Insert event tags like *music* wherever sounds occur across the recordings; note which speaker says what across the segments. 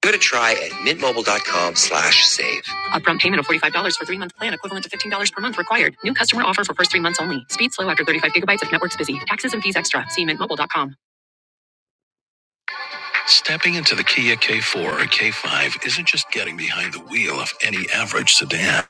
Speaker 1: Give it a try at mintmobile.com slash save. Upfront payment of $45 for three-month plan equivalent to $15 per month required. New customer offer for first three months only. Speed slow after 35 gigabytes if network's busy. Taxes and fees extra. See mint mobile dot com. Stepping into the Kia K4 or K5 isn't just getting behind the wheel of any average sedan.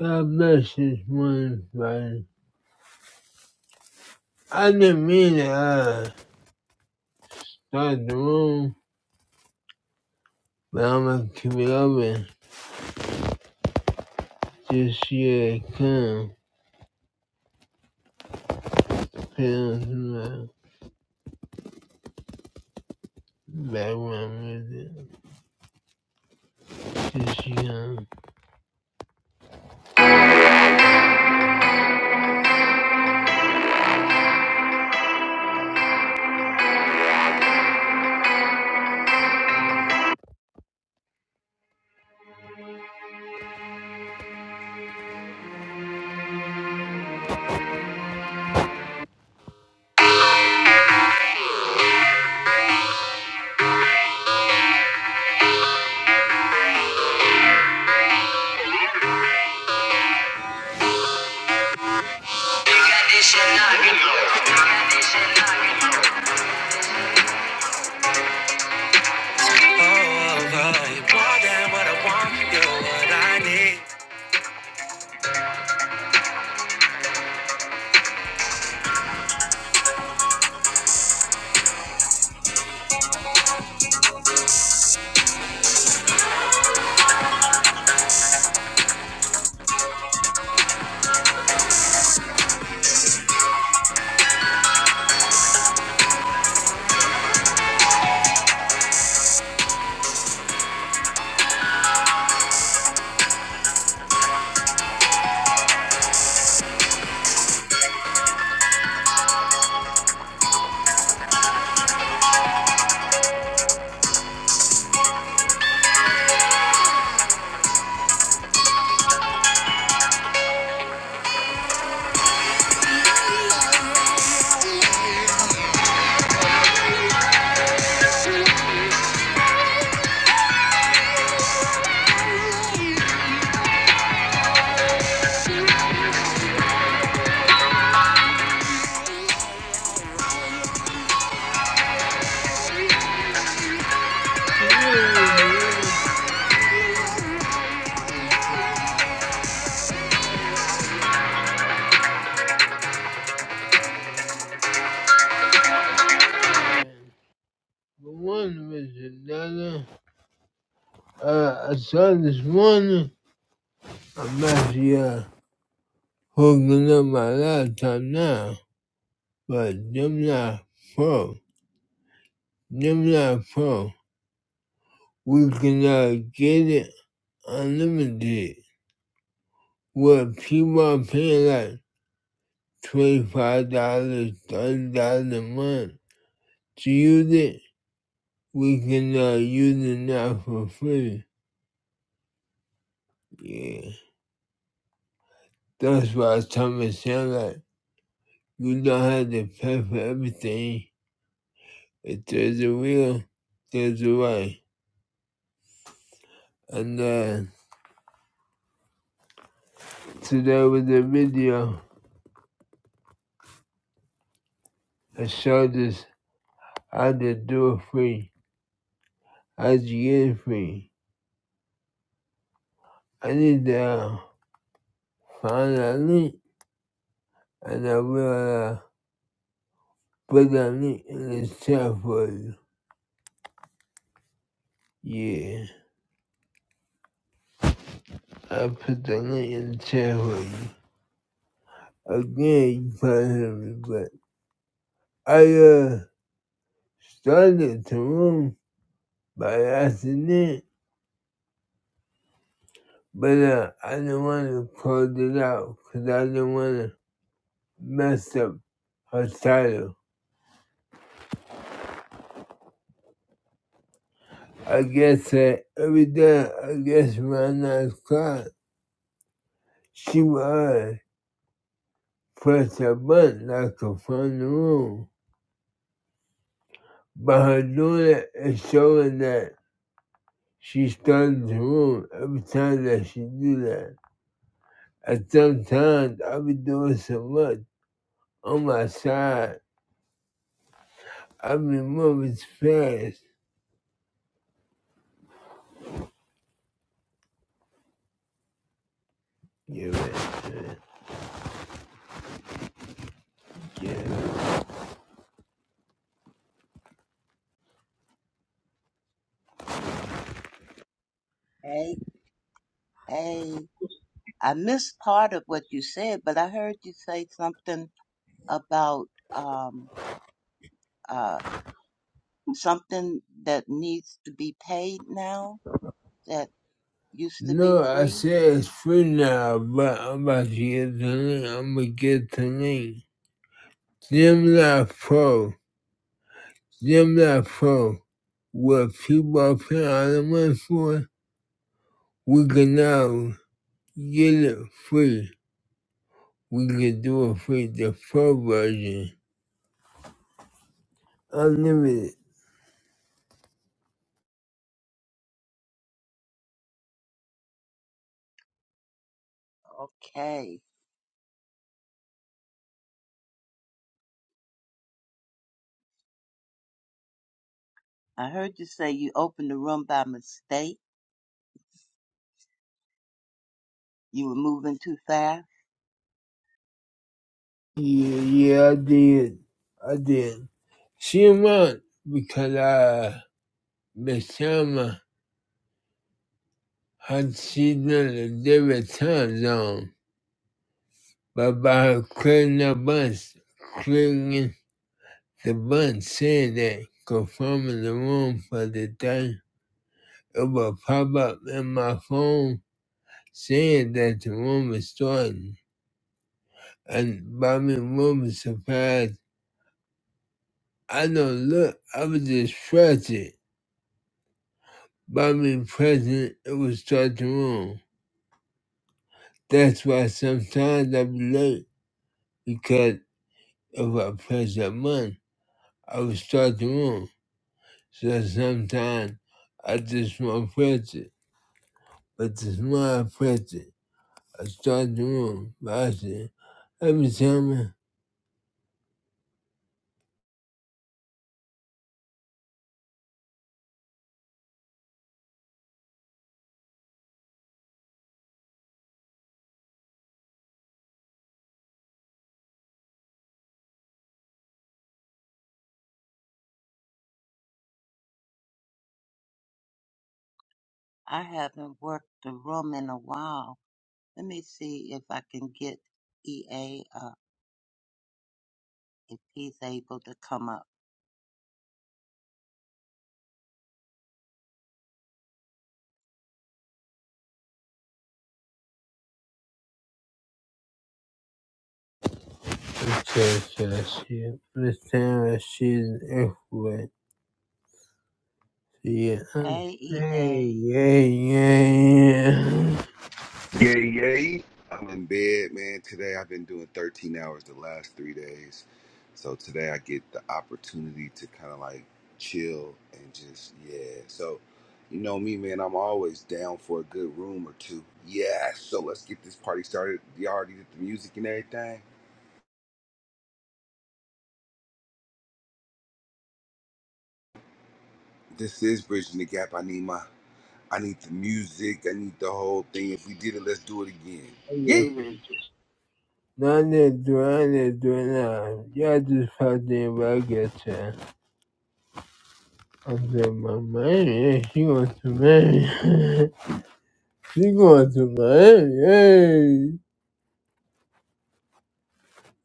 Speaker 1: God bless this one, man. I didn't mean to uh, start the room, but I'm going to keep it open. Just see it come. Feels my background music. one with another. Uh, I saw this morning. I'm actually uh, hooking up my laptop now, but Gemini Pro, Gemini Pro, we can uh, get it unlimited. Where people are paying like twenty five dollars, thirty dollars a month. to use it, we cannot use it now for free. Yeah. That's why Thomas said like you don't have to pay for everything. If there's a will, there's a way. And uh, today with the video, I showed us how to do it free, how to get it free. I need to uh, find a link and I will uh, put that link in the chat for you. Yeah, I put the link in the chat for you. Again, you probably but I uh, started to room by accident, but uh, I didn't want to close it out because I didn't want to mess up her title. I guess that every day, I guess around 9 o'clock, she would uh, press a button like a phone in the room. By her doing it, it's showing that she started the room every time that she do that. And sometimes I be doing so much on my side. I be moving fast. Yeah, man. Yeah. yeah.
Speaker 2: Hey, hey, I missed part of what you said, but I heard you say something about um uh something that needs to be paid now that used to be
Speaker 1: No, I
Speaker 2: free.
Speaker 1: said it's free now, but I'm about to get the link. I'm gonna get the link. Gemini Pro. Gemini Pro. What people are paying all the money for, we can now get it free. We can do it free, the pro version. Unlimited.
Speaker 2: Okay. I heard you say you opened the room by mistake. You were moving too fast.
Speaker 1: Yeah, yeah, I did. I did. She won because uh, Basama had seen her in a different time zone. But by her clearing the bus, clearing the bus, saying that, confirming the room for the day, it will pop up in my phone saying that the room is starting. And by me, room is surprised. I don't look, I was distracted. By me present, it would start to room. That's why sometimes I be late because if I press that button, I would start the room. So sometimes I just want to press it. But the more I press it, I start the room. But I say, every time
Speaker 2: I haven't worked the room in a while. Let me see if I can get EA. if he's able to come up.
Speaker 1: I press it, I see it. Every time I see an earthquake. So yeah. I'm-
Speaker 2: Hey,
Speaker 1: Hey,
Speaker 2: EA.
Speaker 1: yeah, yeah,
Speaker 3: Yay, yay. I'm in bed, man. Today I've been doing 13 hours the last three days. So today I get the opportunity to kind of like chill and just, yeah. So, you know me, man, I'm always down for a good room or two. Yeah, so let's get this party started. Y'all already did the music and everything. This is Bridging the Gap. I need my, I need the music. I need the whole thing. If we did it, let's do it again.
Speaker 1: Hey, yeah.
Speaker 3: Yeah.
Speaker 1: Lanet, lanet, lanet. Yeah, this fucking baguette. And then my man, yeah, she wants to marry. *laughs* she wants to marry.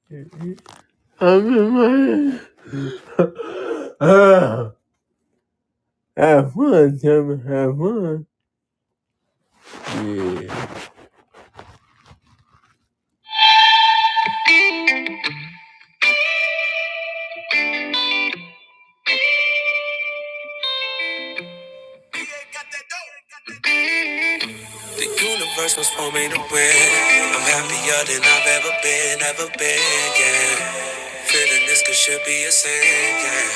Speaker 1: Hey. I'm in my *sighs* *laughs* Ah, Have fun, Tim. Have fun. Yeah. The universe was for me to win. I'm happier than I've ever been, ever been, yeah. Feeling this could should be a sin, yeah.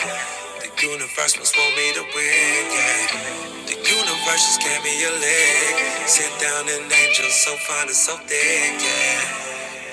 Speaker 1: The universe must want me to win, yeah. The universe just gave me a leg. Sit down and angel so fine and so thick, yeah.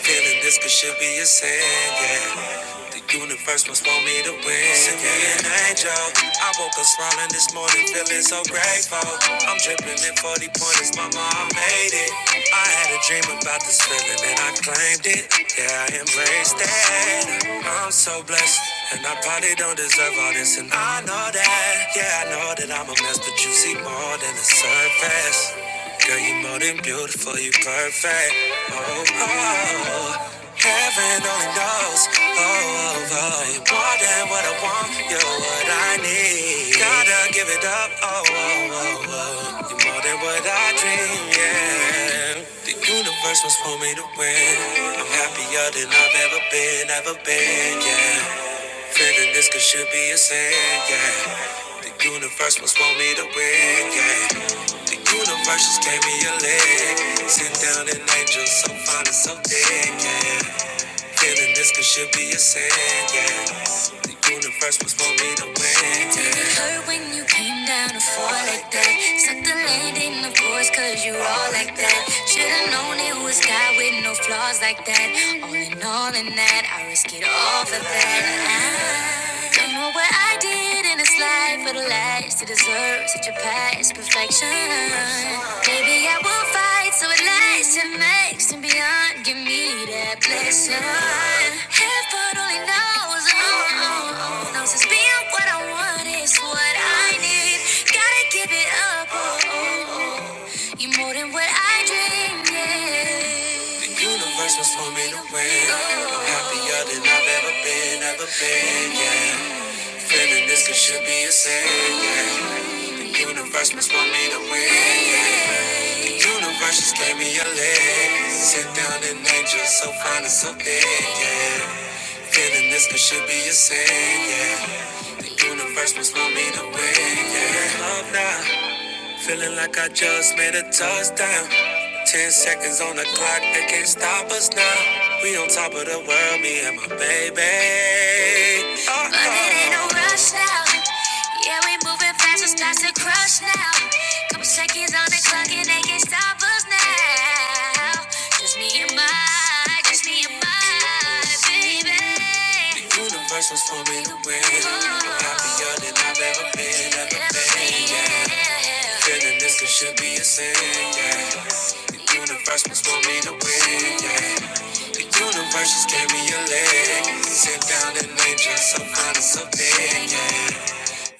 Speaker 1: Feeling this could should be a sin, yeah. The universe must want me to win. Send me an angel. I woke up smiling this morning, feeling so grateful. I'm dripping in 40 pointers, mama, I made it. I had a dream about this feeling and I claimed it. Yeah, I embraced it. I'm so blessed. And I probably don't deserve all this, and I know that. Yeah, I know that I'm a mess, but you see more than the surface. Girl, you more than beautiful, you perfect. Oh, oh, oh. heaven only knows. Oh, oh, oh, you're more than what I want, you're what I need. Gotta give it up. Oh, oh, oh, oh, you're more than what I dream. Yeah, the universe was for me to win. I'm happier than I've ever been, ever been. Yeah. Feeling this could should be a sin, yeah. The universe must want me to win, yeah. The universe just gave me a leg. Sitting down an angel so fine and so thick, yeah. Feeling this could should be a sin, yeah. The universe was for me to win, yeah. Did It hurt when you came down to fall like that. Suck the land in the voice, cause you all like that. Should've known it was God with no flaws like that. All in all, in that, I risk it all for that. I don't know what I did in this life for the last to deserve such a past perfection. Maybe I will fight so it lasts and makes and beyond. Give me that blessing. Heaven only knows, oh, oh, oh, knows it's being what I want is what I need. Gotta give it up, oh, oh, oh. you more than what I dreamed. Yeah. The universe was for me to win. I'm happier than I've ever been, ever been, yeah. Feeling this could should be a sin, yeah. The Universe must want me to win, yeah. The Universe just gave me a leg. Sit down an angel so fine and so big, yeah. Feeling this could should be a sin, yeah. The universe must want me to win, yeah. Love now, Feeling like I just made a touchdown. Ten seconds on the clock, they can't stop us now. We on top of the world, me and my baby. Uh-oh. But it ain't no rush now. Yeah, we moving fast, it's starts to crush now. Couple seconds on the clock, and they can't stop us now. Just me and my, just me and my baby. The universe was for me happier than I've ever been, ever been, yeah. Feeling this could should be a sin, yeah. The universe must want me to win, yeah. The universe just gave me a leg. Sit down and name just some kind of something, yeah.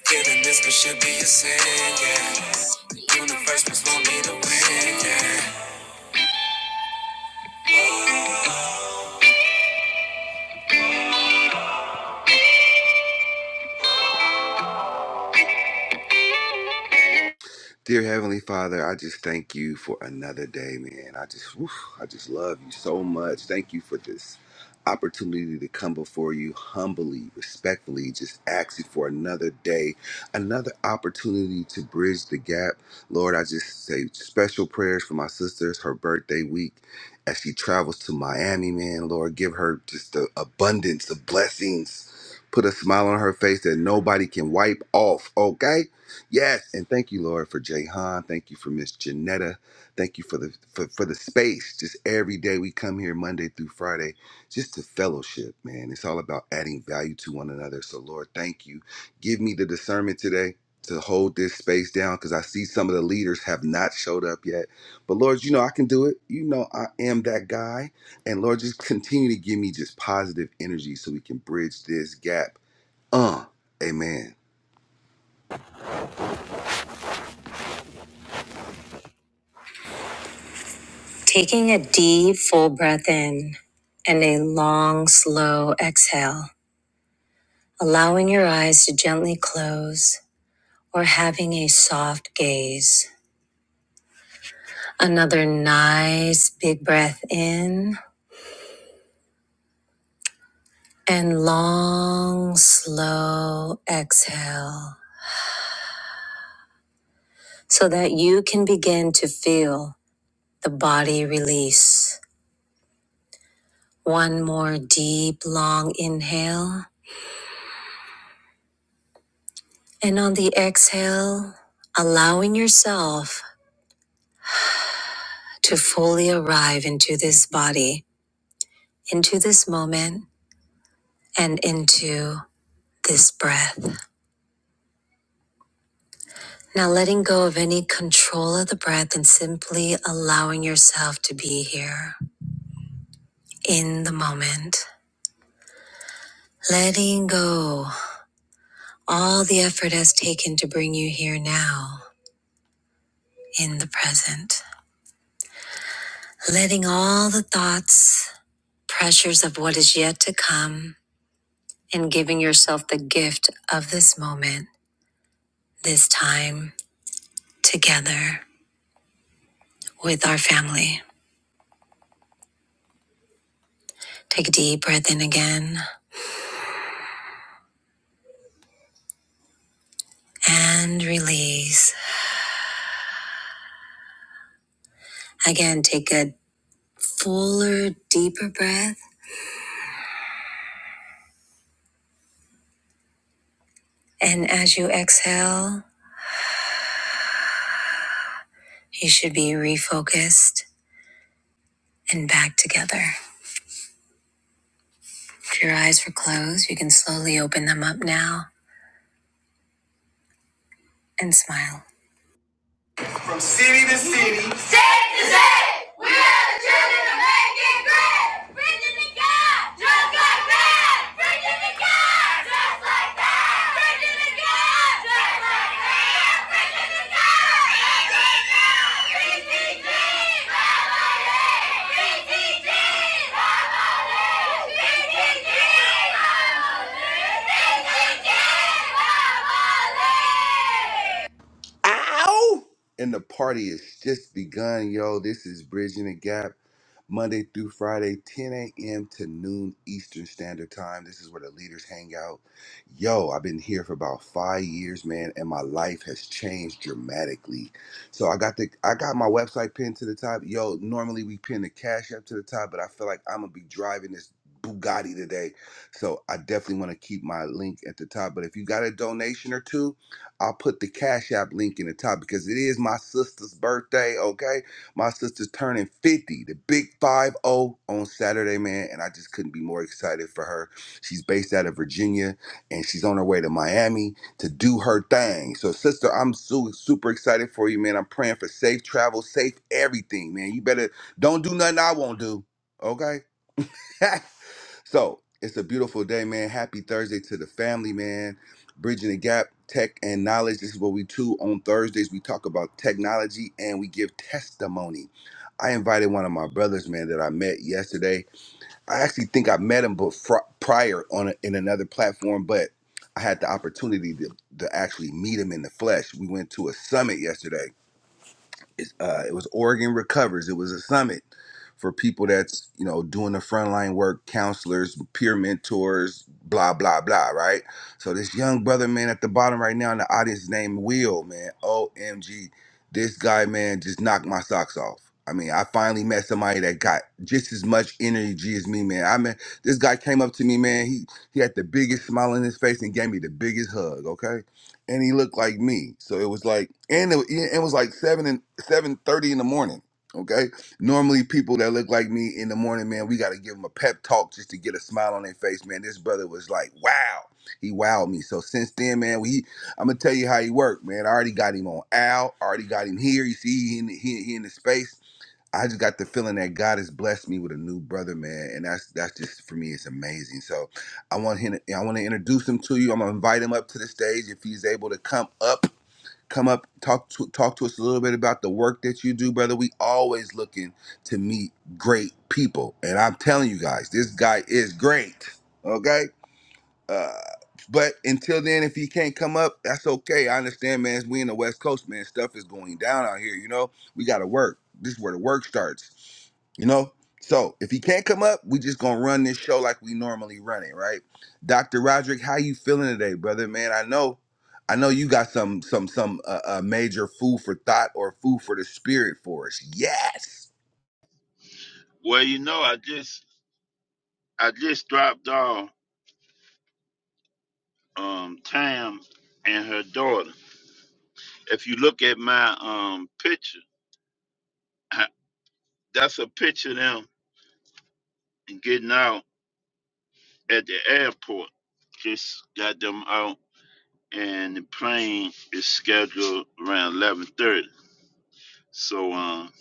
Speaker 1: Feeling this could should be a sin, yeah. The universe must want me to win, yeah.
Speaker 3: Dear Heavenly Father, I just thank you for another day, man. I just, whew, I just love you so much. Thank you for this opportunity to come before you humbly, respectfully, just ask you for another day, another opportunity to bridge the gap. Lord, I just say special prayers for my sister's her birthday week as she travels to Miami, man. Lord, give her just the abundance of blessings. Put a smile on her face that nobody can wipe off, okay? Yes, and thank you, Lord, for Jay Han. Thank you for Miss Janetta. Thank you for the for, for the space. Just every day we come here Monday through Friday, just to fellowship, man. It's all about adding value to one another. So, Lord, thank you. Give me the discernment today to hold this space down because I see some of the leaders have not showed up yet. But Lord, you know I can do it. You know I am that guy. And Lord, just continue to give me just positive energy so we can bridge this gap. Uh, amen.
Speaker 1: Taking a deep, full breath in and a long, slow exhale. allowing your eyes to gently close or having a soft gaze. Another nice big breath in and long, slow exhale so that you can begin to feel the body release. One more deep, long inhale. And on the exhale, allowing yourself to fully arrive into this body, into this moment, and into this breath. Now letting go of any control of the breath and simply allowing yourself to be here in the moment. Letting go all the effort has taken to bring you here now in the present. Letting all the thoughts, pressures of what is yet to come, and giving yourself the gift of this moment, this time together with our family. Take a deep breath in again and release. Again, take a fuller, deeper breath. And as you exhale, you should be refocused and back together. If your eyes were closed, you can slowly open them up now and smile. From city to city. State to state. We are the children of making great. Virginia God, just like that. Virginia God, just like that. Virginia God, just like that. Virginia God. BTG, family. BTG, family. BTG, family. BTG, family.
Speaker 3: and the party is just begun, yo. This is Bridging the Gap, Monday through Friday, 10 a.m. to noon Eastern Standard Time. This is where the leaders hang out. Yo, I've been here for about five years, man, and my life has changed dramatically. So I got the I got my website pinned to the top. Yo, normally we pin the cash app to the top, but I feel like I'm gonna be driving this Bugatti today. So I definitely want to keep my link at the top. But if you got a donation or two, I'll put the Cash App link in the top because it is my sister's birthday, okay? My sister's turning 50, the big five zero on Saturday, man, and I just couldn't be more excited for her. She's based out of Virginia and she's on her way to Miami to do her thing. So, sister, I'm su- super excited for you, man. I'm praying for safe travel, safe everything, man. You better don't do nothing I won't do, okay? *laughs* So it's a beautiful day, man. Happy Thursday to the family, man. Bridging the gap, tech and knowledge. This is what we do on Thursdays. We talk about technology and we give testimony. I invited one of my brothers, man, that I met yesterday. I actually think I met him before, prior on a, in another platform, but I had the opportunity to, to actually meet him in the flesh. We went to a summit yesterday it's, uh, it was Oregon Recovers. It was a summit for people that's you know doing the frontline work, counselors, peer mentors, blah blah blah. Right. So this young brother, man, at the bottom right now in the audience, named Will, man. Omg, this guy, man, just knocked my socks off. I mean, I finally met somebody that got just as much energy as me, man. I mean, this guy came up to me, man. He he had the biggest smile on his face and gave me the biggest hug. Okay and he looked like me. So it was like, and it, it was like seven and seven thirty in the morning. Okay, normally people that look like me in the morning, man, we got to give them a pep talk just to get a smile on their face, man. This brother was like, wow, he wowed me. So since then, man, we, I'm gonna tell you how he worked, man. I already got him on Al, I already got him here. You see, he in the, he, he in the space. I just got the feeling that God has blessed me with a new brother, man, and that's that's just for me. It's amazing. So I want him. I want to introduce him to you. I'm gonna invite him up to the stage if he's able to come up. Come up, talk to talk to us a little bit about the work that you do, brother. We always looking to meet great people, and I'm telling you guys, this guy is great. Okay, uh, but until then, if he can't come up, that's okay. I understand, man. We in the West Coast, man. Stuff is going down out here. You know, we got to work. This is where the work starts. You know? So if he can't come up, we just gonna run this show like we normally run it, right? Dr. Roderick, how you feeling today, brother? Man, I know, I know you got some some some uh, uh, major food for thought or food for the spirit for us. Yes.
Speaker 4: Well, you know, I just I just dropped off um Tam and her daughter. If you look at my um picture, *laughs* I, that's a picture of them getting out at the airport. Just got them out, and the plane is scheduled around eleven thirty. So, um,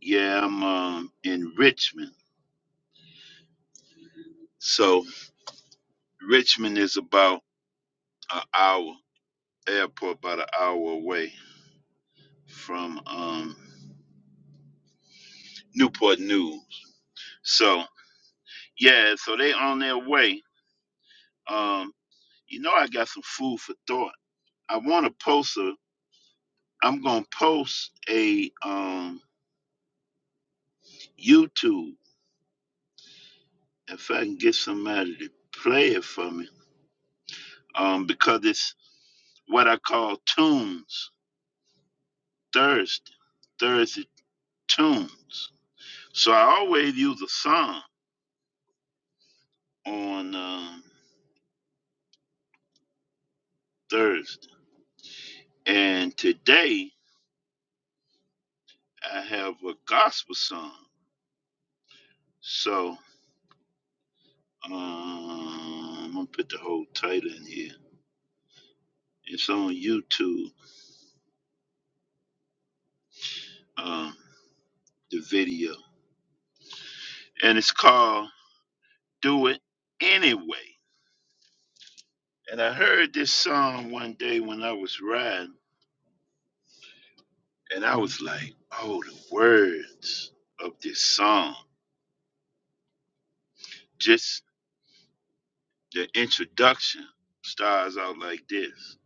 Speaker 4: yeah, I'm um in Richmond. So Richmond is about an hour airport, about an hour away from um Newport News. So yeah, so they on their way. Um, you know, I got some food for thought. I want to post a. I'm gonna post a um YouTube if I can get somebody to play it for me. Um, because it's what I call tunes Thursday, Thursday tunes. So I always use a song on um, Thursday, and today I have a gospel song. So. Um, I'm gonna put the whole title in here. It's on YouTube, um, the video, and it's called "Do It Anyway." And I heard this song one day when I was riding, and I was like, "Oh, the words of this song! Just the introduction starts out like this."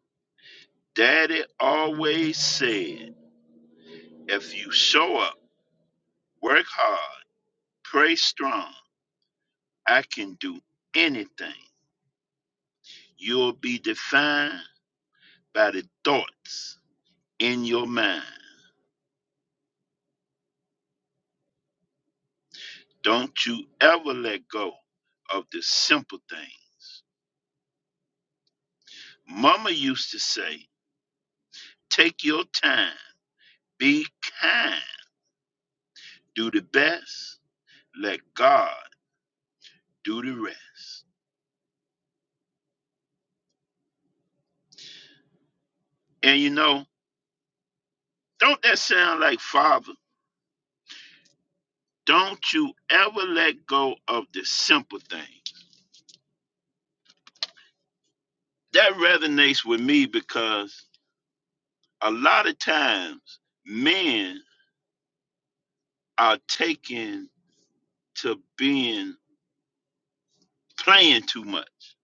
Speaker 4: Daddy always said, "If you show up, work hard, pray strong, I can do anything." You'll be defined by the thoughts in your mind. Don't you ever let go of the simple things. Mama used to say, take your time, be kind, do the best, let God do the rest. And you know, don't that sound like Father? Don't you ever let go of the simple things. That resonates with me because a lot of times men are taking to being playing too much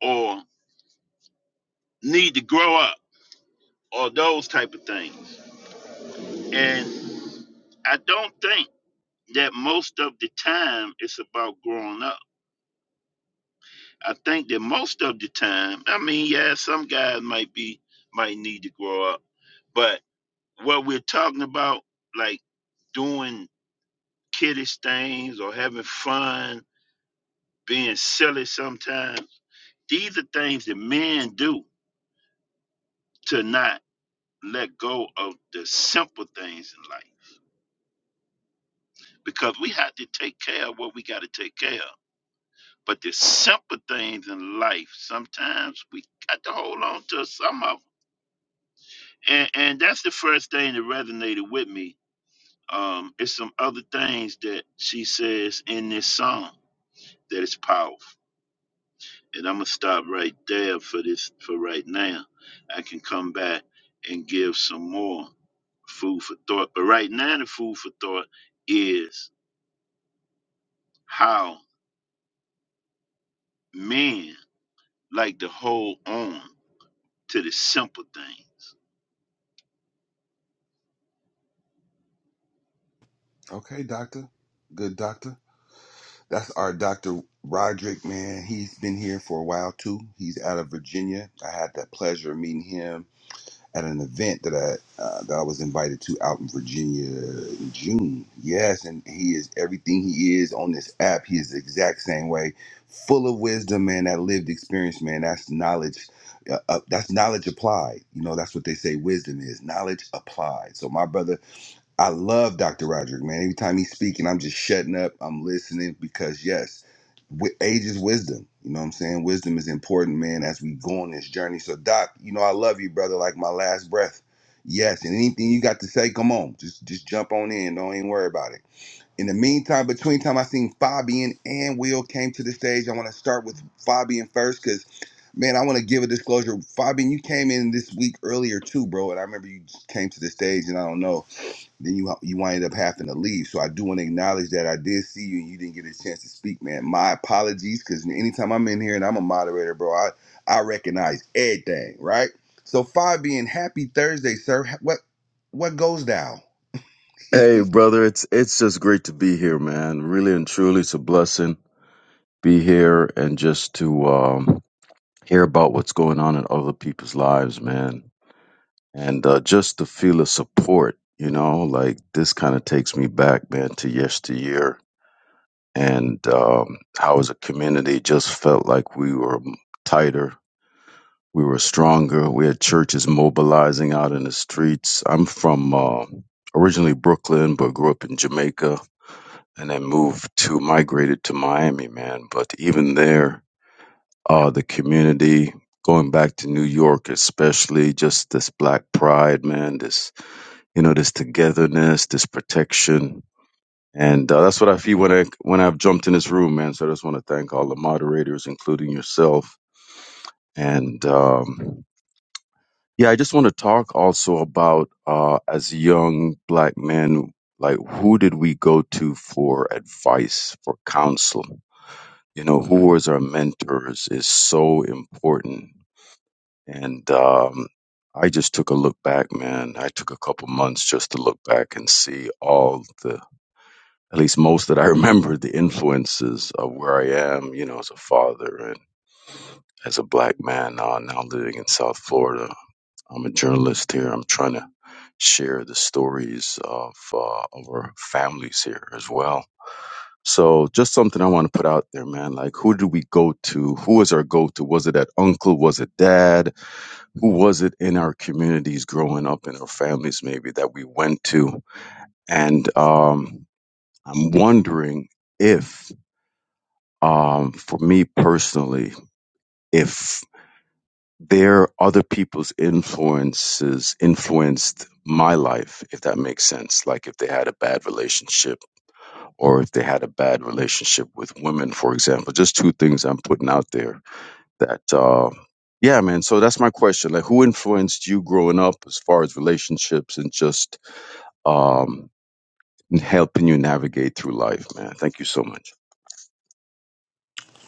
Speaker 4: or need to grow up or those type of things. And I don't think that most of the time it's about growing up. I think that most of the time, I mean, yeah, some guys might be might need to grow up, but what we're talking about, like doing kiddish things or having fun, being silly sometimes, these are things that men do to not let go of the simple things in life because we have to take care of what we got to take care of. But the simple things in life, sometimes we got to hold on to some of them. And, and that's the first thing that resonated with me. Um, it's some other things that she says in this song that is powerful. And I'm gonna stop right there for this for right now. I can come back and give some more food for thought. But right now the food for thought is how men like to hold on to the simple things.
Speaker 3: Okay, doctor. Good doctor. That's our Dr. Roderick, man. He's been here for a while too. He's out of Virginia. I had the pleasure of meeting him at an event that I uh, that I was invited to out in Virginia in June. Yes, and he is everything he is on this app. He is the exact same way, full of wisdom, man. That lived experience, man. That's knowledge. Uh, uh, that's knowledge applied. You know, that's what they say wisdom is knowledge applied. So my brother I love Dr. Roderick, man. Every time he's speaking, I'm just shutting up. I'm listening because, yes, wi- age is wisdom. You know what I'm saying? Wisdom is important, man, as we go on this journey. So, Doc, you know, I love you, brother, like my last breath. Yes, and anything you got to say, come on. Just just jump on in. Don't even worry about it. In the meantime, between time, I seen Fabian and Will came to the stage. I want to start with Fabian first because, man, I want to give a disclosure. Fabian, you came in this week earlier too, bro, and I remember you came to the stage, and I don't know then you you wind up having to leave. So I do want to acknowledge that I did see you and you didn't get a chance to speak, man. My apologies, because anytime I'm in here and I'm a moderator, bro, I I recognize everything, right? So Fabian, happy Thursday, sir. Ha- What what goes down?
Speaker 5: Hey,
Speaker 3: *laughs*
Speaker 5: brother, it's it's just great to be here, man. Really and truly, it's a blessing be here and just to um, hear about what's going on in other people's lives, man, and uh, just to feel the support. You know, like this kind of takes me back, man, to yesteryear, and um, how as a community just felt like we were tighter, we were stronger. We had churches mobilizing out in the streets. I'm from uh, originally Brooklyn, but grew up in Jamaica and then moved to migrated to Miami, man. But even there, uh, the community going back to New York, especially just this black pride, man. This you know this togetherness, this protection, and uh, that's what I feel when I when I've jumped in this room, man. So I just want to thank all the moderators, including yourself, and. Um, yeah, I just want to talk also about uh, as young black men, like who did we go to for advice, for counsel? you know who was our mentors is so important and um i just took a look back man i took a couple months just to look back and see all the at least most that i *laughs* remember the influences of where i am you know as a father and as a black man uh, now living in south florida i'm a journalist here i'm trying to share the stories of uh, of our families here as well so just something I want to put out there, man. Like, who did we go to? Who was our go-to? Was it that uncle? Was it dad? Who was it in our communities growing up in our families, maybe that we went to? And, um, I'm wondering if, um, for me personally, if there other people's influences influenced my life, if that makes sense. Like if they had a bad relationship or if they had a bad relationship with women, for example. Just two things I'm putting out there that, uh, yeah, man. So that's my question. Like, who influenced you growing up as far as relationships and just um, helping you navigate through life, man? Thank you so much.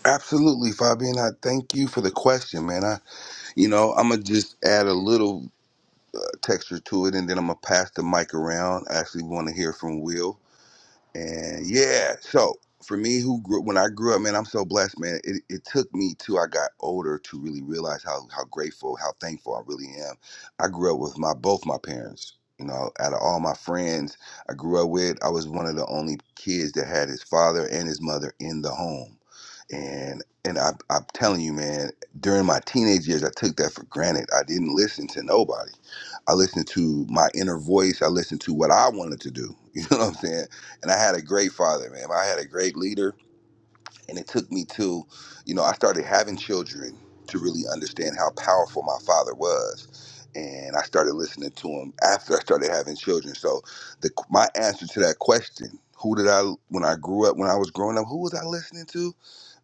Speaker 3: Absolutely, Fabian. I thank you for the question, man. I, you know, I'm gonna just add a little texture to it, and then I'm gonna pass the mic around. I actually want to hear from Will, And yeah, so for me, who grew when I grew up, man, I'm so blessed, man. It, it took me till I got older to really realize how how grateful, how thankful I really am. I grew up with my both my parents. You know, out of all my friends I grew up with, I was one of the only kids that had his father and his mother in the home. And and I, I'm telling you, man, during my teenage years, I took that for granted. I didn't listen to nobody. I listened to my inner voice. I listened to what I wanted to do. *laughs* You know what I'm saying? And I had a great father, man. I had a great leader and it took me to you know i started having children to really understand how powerful my father was and i started listening to him after i started having children so the my answer to that question who did i when i grew up when i was growing up who was i listening to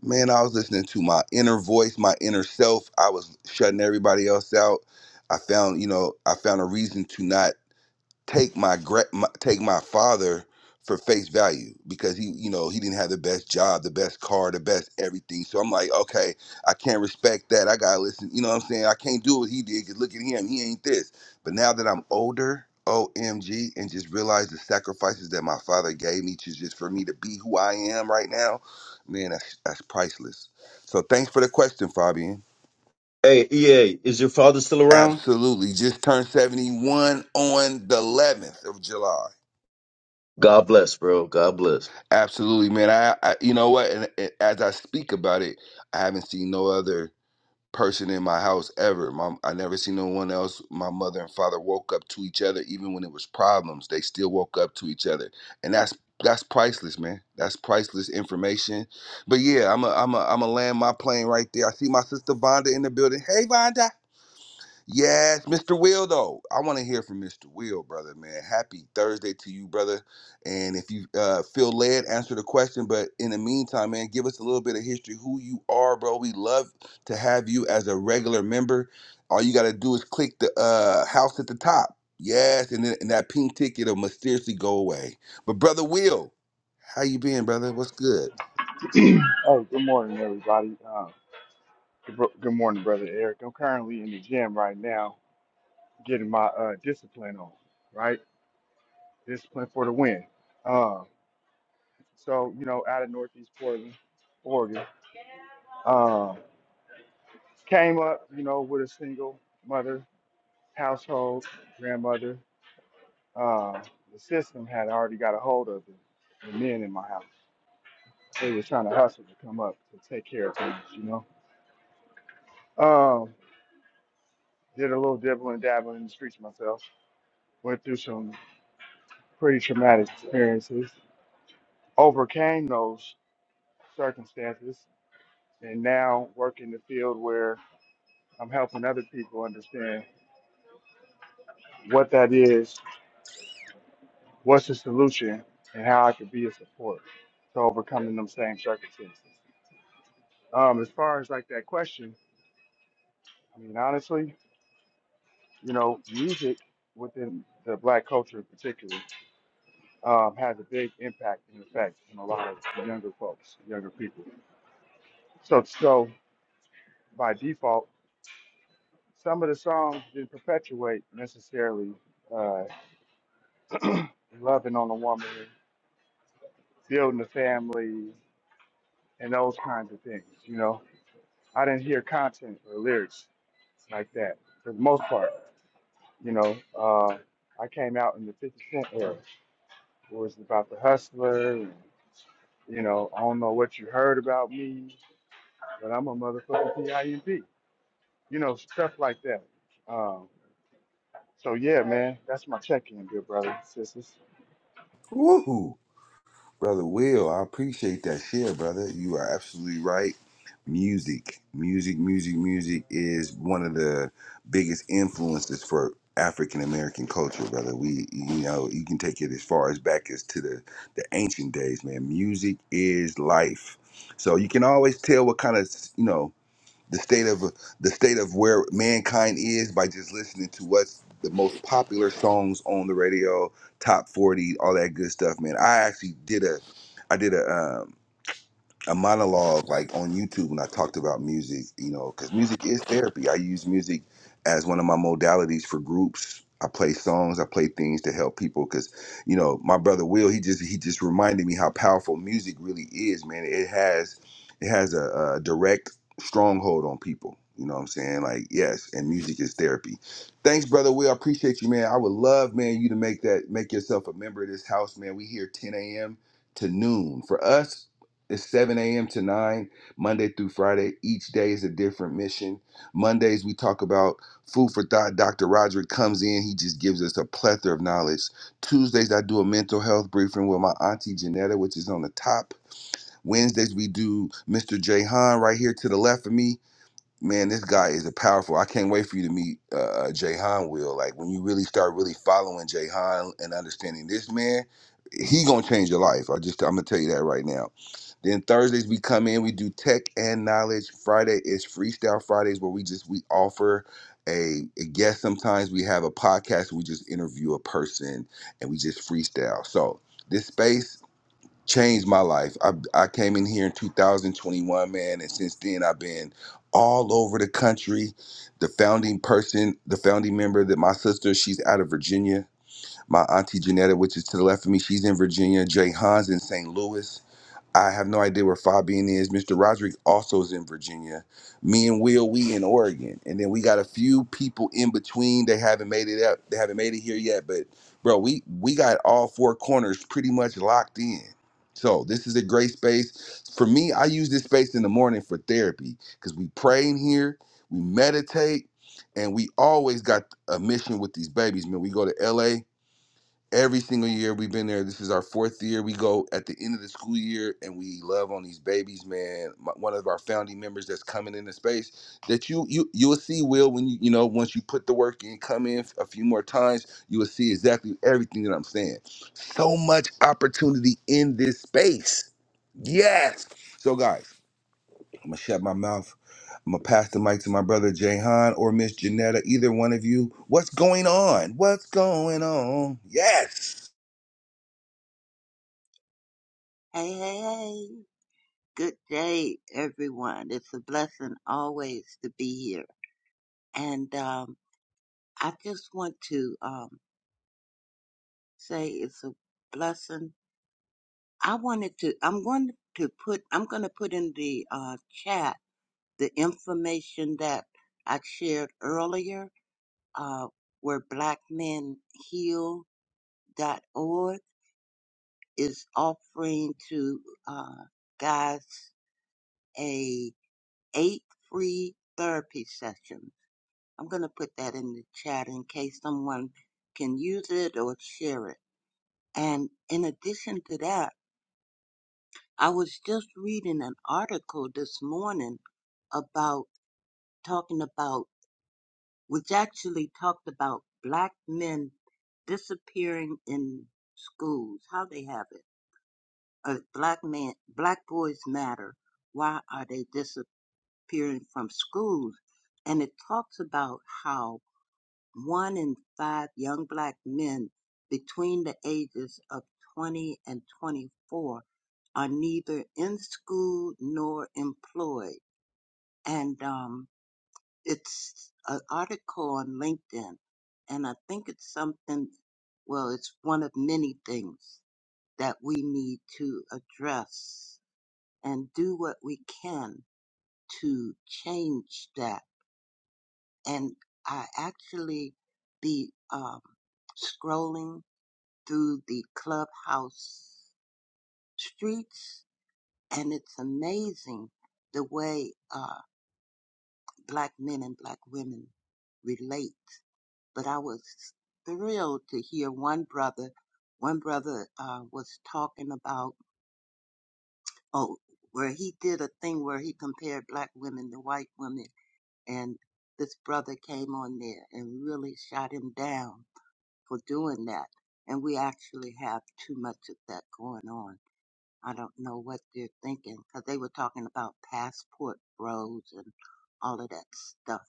Speaker 3: man i was listening to my inner voice my inner self i was shutting everybody else out i found you know i found a reason to not take my, gra- my take my father for face value because he you know he didn't have the best job the best car the best everything so i'm like okay i can't respect that i gotta listen you know what i'm saying i can't do what he did because look at him he ain't this but now that i'm older omg and just realize the sacrifices that my father gave me to just for me to be who i am right now man that's, that's priceless so thanks for the question fabian
Speaker 5: Hey, EA, is your father still around?
Speaker 3: absolutely just turned 71 on the 11th of july
Speaker 5: God bless, bro. God bless.
Speaker 3: Absolutely, man. I, I you know what? And, and as I speak about it, I haven't seen no other person in my house ever. My, I never seen no one else. My mother and father woke up to each other, even when it was problems. They still woke up to each other, and that's that's priceless, man. That's priceless information. But yeah, I'm a I'm a I'm a land my plane right there. I see my sister Vonda in the building. Hey, Vonda. Yes, Mr. Will, though. I want to hear from Mr. Will, brother, man. Happy Thursday to you, brother. And if you uh, feel led, answer the question. But in the meantime, man, give us a little bit of history, who you are, bro. We love to have you as a regular member. All you got to do is click the uh, house at the top. Yes, and, then, and that pink ticket will mysteriously go away. But, brother Will, how you been, brother? What's good?
Speaker 6: Hey, good morning, everybody. Uh, good, bro- good morning, brother Eric. I'm currently in the gym right now, getting my uh, discipline on. Right, discipline for the win. Uh, so you know, out of Northeast Portland, Oregon, uh, came up, you know, with a single mother household, grandmother. Uh, the system had already got a hold of the, the men in my house. They were trying to hustle to come up to take care of things, you know. Um, did a little dibble and dabble in the streets myself went through some pretty traumatic experiences, overcame those circumstances, and now work in the field where I'm helping other people understand what that is, what's the solution, and how I could be a support to overcoming them same circumstances. Um, as far as like that question, I mean, honestly, you know, music within the black culture in particular um, has a big impact and effect on a lot of younger folks, younger people. So, so by default, some of the songs didn't perpetuate necessarily uh, loving on a woman, building a family, and those kinds of things. You know, I didn't hear content or lyrics like that for the most part. You know, uh, I came out in the 50 Cent era, where it was about the hustler. And, you know, I don't know what you heard about me, but I'm a motherfucking P.I.M.P. You know, stuff like that. Um, so yeah, man, that's my check-in, good brother, sisters.
Speaker 3: Woohoo. Brother Will, I appreciate that share, brother. You are absolutely right. Music, music, music, music is one of the biggest influences for African American culture, brother. We, you know, you can take it as far as back as to the, the ancient days, man. Music is life. So you can always tell what kind of, you know, the state of the state of where mankind is by just listening to what's the most popular songs on the radio, top forty, all that good stuff, man. I actually did a, I did a um, a monologue like on YouTube when I talked about music, you know, because music is therapy. I use music as one of my modalities for groups. I play songs, I play things to help people because, you know, my brother Will, he just he just reminded me how powerful music really is, man. It has it has a, a direct stronghold on people. You know what I'm saying? Like, yes, and music is therapy. Thanks, brother Will. I appreciate you, man. I would love, man, you to make that make yourself a member of this house, man. We here 10 a.m. to noon. For us, it's 7 a.m. to 9, Monday through Friday. Each day is a different mission. Mondays, we talk about food for thought. Dr. Roderick comes in, he just gives us a plethora of knowledge. Tuesdays, I do a mental health briefing with my auntie Janetta, which is on the top. Wednesdays, we do Mr. Jay Han right here to the left of me. Man, this guy is a powerful. I can't wait for you to meet uh, Jay Han, Will. Like, when you really start really following Jay Han and understanding this man, he gonna change your life. I just, I'm gonna tell you that right now then Thursdays we come in, we do tech and knowledge. Friday is freestyle Fridays where we just we offer a, a guest. Sometimes we have a podcast, we just interview a person and we just freestyle. So this space changed my life. I, I came in here in 2021, man, and since then I've been all over the country. The founding person, the founding member that my sister, she's out of Virginia. My auntie Janetta, which is to the left of me, she's in Virginia. Jay Hans in St. Louis. I have no idea where Fabian is. Mr. Roderick also is in Virginia. Me and Will, we in Oregon, and then we got a few people in between. They haven't made it up. They haven't made it here yet. But bro, we we got all four corners pretty much locked in. So this is a great space for me. I use this space in the morning for therapy because we pray in here, we meditate, and we always got a mission with these babies. Man, we go to LA every single year we've been there. This is our fourth year. We go at the end of the school year and we love on these babies, man. My- One of our founding members that's coming into space that you you you'll see will when you you know once you put the work in, come in a few more times, you will see exactly everything that I'm saying. So much opportunity in this space. Yes. So guys, I'm gonna shut my mouth. I'm gonna pass the mic to my brother Jahan or Miss Janetta, either one of you. What's going on? What's going on? Yes.
Speaker 2: Hey, hey, hey. Good day, everyone. It's a blessing always to be here. And um, I just want to um, say it's a blessing. I wanted to, I'm going to put, I'm going to put in the uh, chat the information that I shared earlier, uh, where blackmenheal.org is offering to uh, guys a eight free therapy sessions. I'm going to put that in the chat in case someone can use it or share it. And in addition to that, I was just reading an article this morning about talking about, which actually talked about black men disappearing in schools, how they have it. Uh, black men, black boys matter. Why are they disappearing? disappearing from schools. And it talks about how one in five young black men between the ages of 20 and 24 are neither in school nor employed. And um, it's an article on LinkedIn, and I think it's something, well, it's one of many things that we need to address and do what we can to change that and I actually be um, scrolling through the clubhouse streets, and it's amazing the way uh, black men and black women relate. But I was thrilled to hear one brother. One brother uh, was talking about oh, where he did a thing where he compared black women to white women, and this brother came on there and really shot him down for doing that. And we actually have too much of that going on. I don't know what they're thinking because they were talking about passport bros and all of that stuff.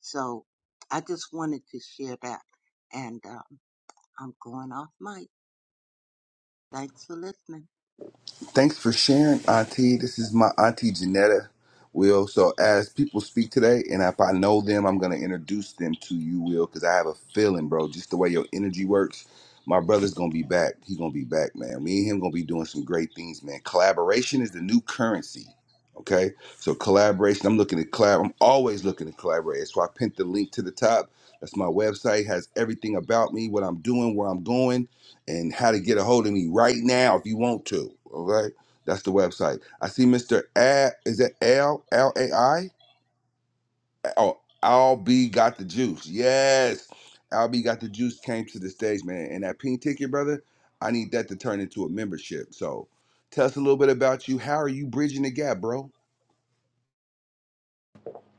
Speaker 2: So I just wanted to share that. And um, I'm going off mic. Thanks for listening.
Speaker 3: Thanks for sharing, Auntie. This is my Auntie Janetta. Will, so as people speak today, and if I know them, I'm gonna introduce them to you, Will, because I have a feeling, bro. Just the way your energy works, my brother's gonna be back. He gonna be back, man. Me and him gonna be doing some great things, man. Collaboration is the new currency. Okay, so collaboration. I'm looking to collab. I'm always looking to collaborate. So I pinned the link to the top. That's my website. Has everything about me, what I'm doing, where I'm going and how to get a hold of me right now if you want to. Okay, that's the website. I see Mr. A. Is that L L A I? Oh, Al B got the juice. Yes, Al B got the juice. Came to the stage, man. And that pink ticket, brother. I need that to turn into a membership. So, tell us a little bit about you. How are you bridging the gap, bro?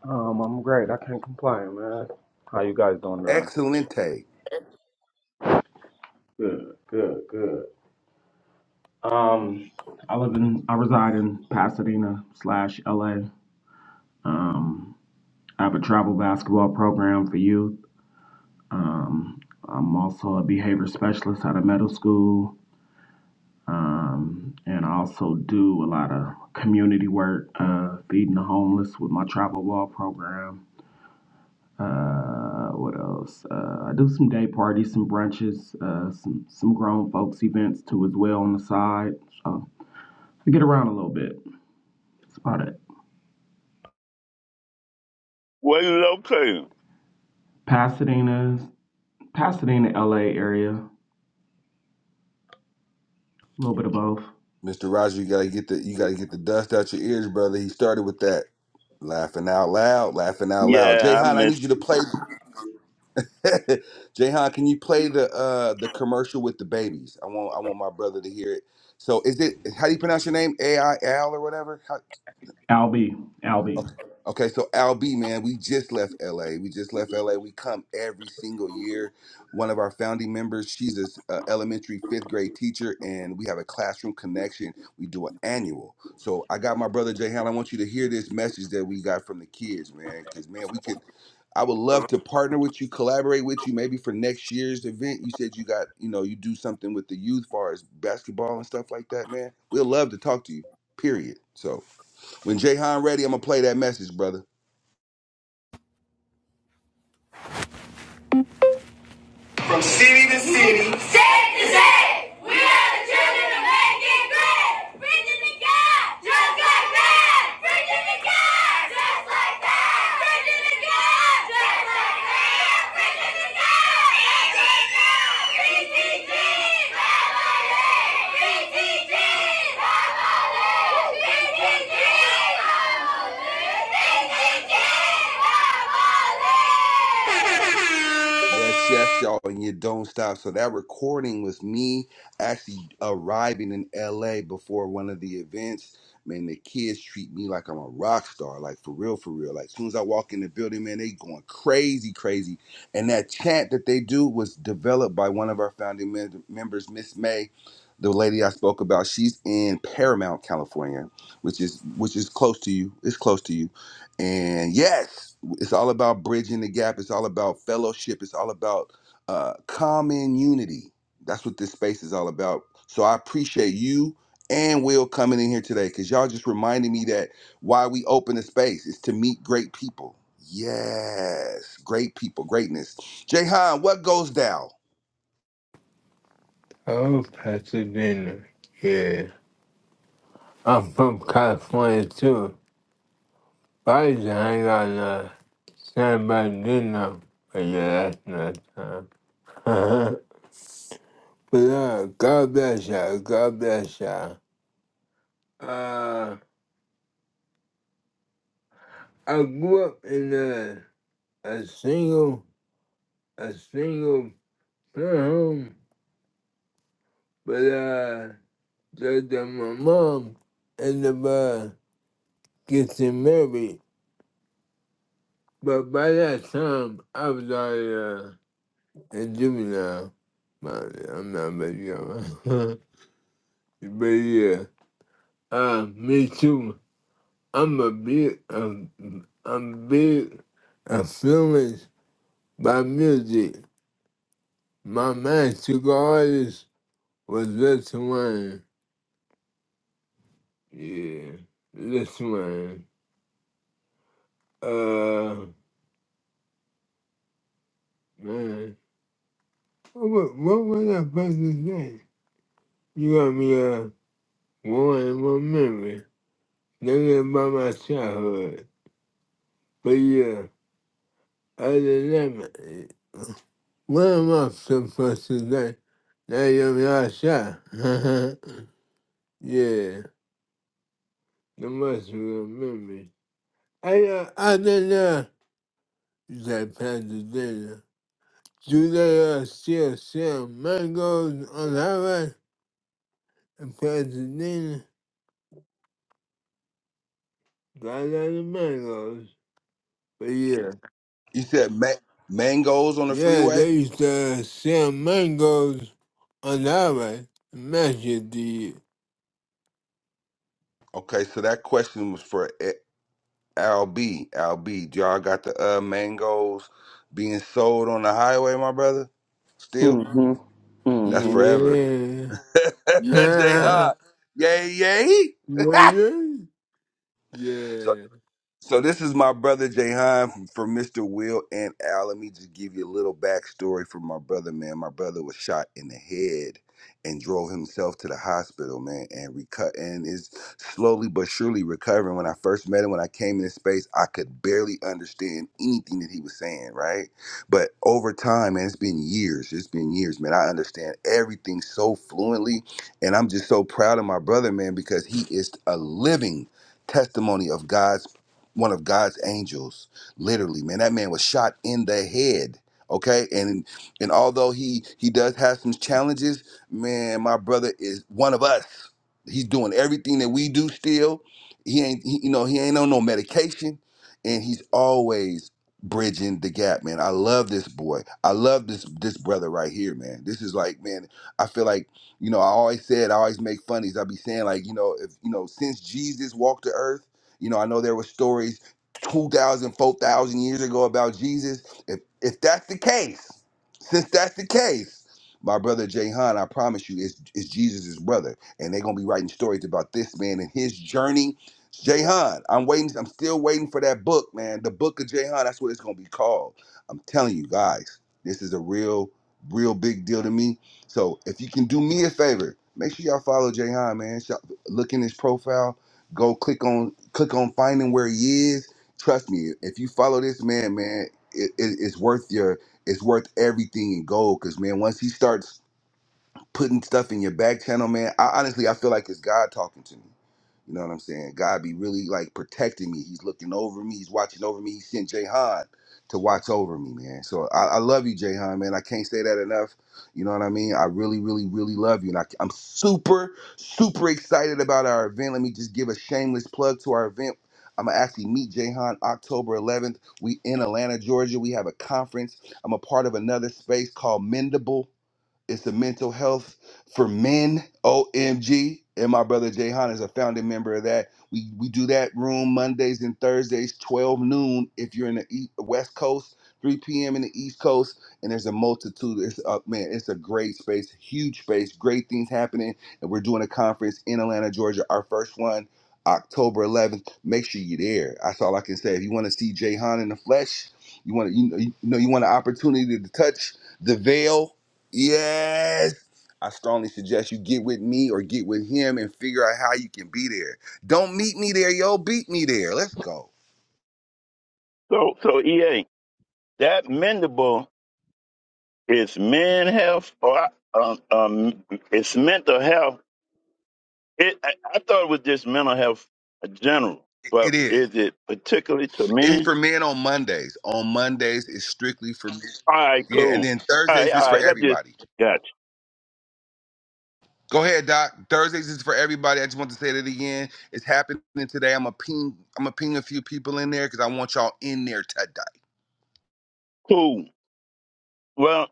Speaker 7: Um, I'm great. I can't complain, man. How you guys doing today?
Speaker 3: Excelente,
Speaker 7: Good, good, good. Um, I live in, I reside in Pasadena slash LA. Um, I have a travel basketball program for youth. I'm also a behavior specialist at a middle school. Um, and I also do a lot of community work, uh, feeding the homeless with my travel ball program. Uh, what else? Uh, I do some day parties, some brunches, uh, some some grown folks events too as well on the side. So I get around a little bit. That's about it.
Speaker 4: Where you located?
Speaker 7: Pasadena, Pasadena, LA area, a little bit of both.
Speaker 3: Mr. Roger. You gotta get the you gotta get the dust out your ears, brother. He started with that laughing out loud, laughing out loud.
Speaker 4: Yeah, I
Speaker 3: Jayhan, I need
Speaker 4: missed.
Speaker 3: you to play. *laughs* Jayhan, can you play the uh the commercial with the babies? I want I want my brother to hear it. So is it how do you pronounce your name? A I L or whatever?
Speaker 7: Albee, Albee.
Speaker 3: Okay, Okay, so Al B, man, we just left LA. We just left LA. We come every single year. One of our founding members, she's a uh, elementary fifth grade teacher, and we have a classroom connection. We do an annual. So I got my brother Jay Hall. I want you to hear this message that we got from the kids, man, because man, we could. I would love to partner with you, collaborate with you, maybe for next year's event. You said you got, you know, you do something with the youth, far as basketball and stuff like that, man. We'd love to talk to you. Period. So. When Jahan ready, I'm gonna play that message, brother.
Speaker 1: Safe to say, we are the children of making great. Virginia God, just like that. Virginia God, just like that. Virginia God, just like that. Virginia God, BTG, family. BTG, family. BTG, family. BTG,
Speaker 3: Yes,
Speaker 1: family.
Speaker 3: yes, y'all, and you don't stop. So that recording was me actually arriving in LA before one of the events. Man, the kids treat me like I'm a rock star, like for real, for real. Like as soon as I walk in the building, man, they going crazy, crazy. And that chant that they do was developed by one of our founding mem- members, Miss May, the lady I spoke about. She's in Paramount, California, which is which is close to you. It's close to you. And yes. It's all about bridging the gap. It's all about fellowship. It's all about uh, common unity. That's what this space is all about. So I appreciate you and Will coming in here today because y'all just reminded me that why we open the space is to meet great people. Yes, great people, greatness. Jayhan, what goes down?
Speaker 1: Oh, Pasadena. Yeah. I'm from California too. But I used to hang out in uh, San Bernardino. But yeah, that's not time. *laughs* but uh, God bless y'all. God bless y'all. Uh, I grew up in a, a single, a single parent home. But uh, the, the, my mom ended up uh, getting married. But by that time, I was already. and juvenile. But I'm not making up. *laughs* but yeah, uh, me too. I'm a big, um, I'm big influenced by music. My magical artist was Lil Wayne. Yeah, Lil Wayne. Uh, man, what, wa- what was that person's name? You got me uh, one in my memory. Thinking about my childhood. But yeah. Other than that, what am I supposed to do? Now you're outside. *laughs* yeah, the must remember. I, uh, other than that, Pastor Dana, do they uh, still sell mangoes on the highway in Pasadena? Not a lot of mangoes, but yeah.
Speaker 3: You said ma- mangoes on the
Speaker 1: Yeah,
Speaker 3: freeway.
Speaker 1: they used to uh, sell mangoes on the highway. Imagine the,
Speaker 3: Okay, so that question was for E-, LB, LB, do y'all got the uh mangoes being sold on the highway, my brother? Still?
Speaker 7: Mm-hmm.
Speaker 3: That's
Speaker 7: Mm-hmm.
Speaker 3: forever.
Speaker 1: yeah.
Speaker 3: *laughs* J
Speaker 1: Yeah,
Speaker 3: Hot. Yay, yay.
Speaker 1: yeah,
Speaker 3: *laughs*
Speaker 1: yeah,
Speaker 3: So.
Speaker 1: yeah.
Speaker 3: So this is my brother Jahan from, from Mr. Will and Al. Let me just give you a little backstory from my brother, man. My brother was shot in the head and drove himself to the hospital, man, and reco- and is slowly but surely recovering. When I first met him, when I came in this space, I could barely understand anything that he was saying, right? But over time, man, it's been years. It's been years, man. I understand everything so fluently, and I'm just so proud of my brother, man, because he is a living testimony of God's one of God's angels. Literally, man, that man was shot in the head. Okay, and and although he he does have some challenges, man, my brother is one of us. He's doing everything that we do still. He ain't, he, you know, he ain't on no medication, and he's always bridging the gap, man. I love this boy. I love this this brother right here, man. This is like, man, I feel like, you know, I always said, I always make funnies. I be saying like, you know, if you know, since Jesus walked the earth you know, I know there were stories 2,000, 4,000 years ago about Jesus. If, if that's the case, since that's the case, my brother Jahan, I promise you, is, is Jesus' brother. And they're going to be writing stories about this man and his journey. Jahan, I'm waiting. I'm still waiting for that book, man. The book of Jahan, that's what it's going to be called. I'm telling you guys, this is a real, real big deal to me. So if you can do me a favor, make sure y'all follow Jahan, man. Shout- Look in his profile Go click on click on finding where he is. Trust me, if you follow this man, man, it, it, it's worth your it's worth everything in gold. Cause man, once he starts putting stuff in your back channel, man. I honestly I feel like it's God talking to me. You know what I'm saying? God be really like protecting me. He's looking over me. He's watching over me. He sent Jahan to watch over me, man. So I, I love you, Jahan, man. I can't say that enough. You know what I mean? I really, really, really love you. And I, I'm super, super excited about our event. Let me just give a shameless plug to our event. I'm gonna actually meet Jahan October 11th. We in Atlanta, Georgia. We have a conference. I'm a part of another space called Mendable. It's the mental health for men. OMG. And my brother Jayhan is a founding member of that. We we do that room Mondays and Thursdays, 12 noon. If you're in the E- West Coast, 3 p.m. in the East Coast, and there's a multitude. It's up, man. It's a great space, huge space, great things happening. And we're doing a conference in Atlanta, Georgia. Our first one, October 11th. Make sure you're there. That's all I can say. If you want to see Jayhan in the flesh, you want to you know you know you want an opportunity to touch the veil Yes. I strongly suggest you get with me or get with him and figure out how you can be there. Don't meet me there, yo. Beat me there. Let's go.
Speaker 4: So, so EA, that mendable is men health or um, um it's mental health. It, I, I thought it was just mental health in general,
Speaker 3: It
Speaker 4: but
Speaker 3: it is.
Speaker 4: is it particularly to
Speaker 3: It's
Speaker 4: men?
Speaker 3: for men on Mondays. On Mondays, it's strictly for men.
Speaker 4: All right,
Speaker 3: Yeah, and
Speaker 4: cool.
Speaker 3: then
Speaker 4: All right,
Speaker 3: Thursdays
Speaker 4: all
Speaker 3: is for
Speaker 4: right, that just
Speaker 3: everybody.
Speaker 4: got
Speaker 3: Go ahead, Doc. Thursdays is for everybody. I just want to say that again. It's happening today. I'm a ping. I'm a ping a few people in there because I want y'all in there today.
Speaker 4: you. Cool. Well,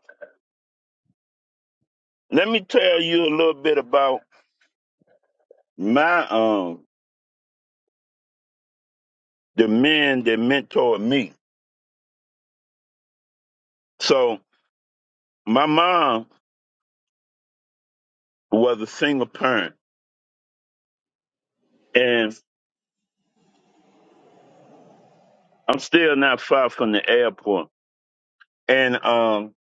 Speaker 4: let me tell you a little bit about my um the men that mentored me. So my mom was a single parent, and I'm still not far from the airport. And um,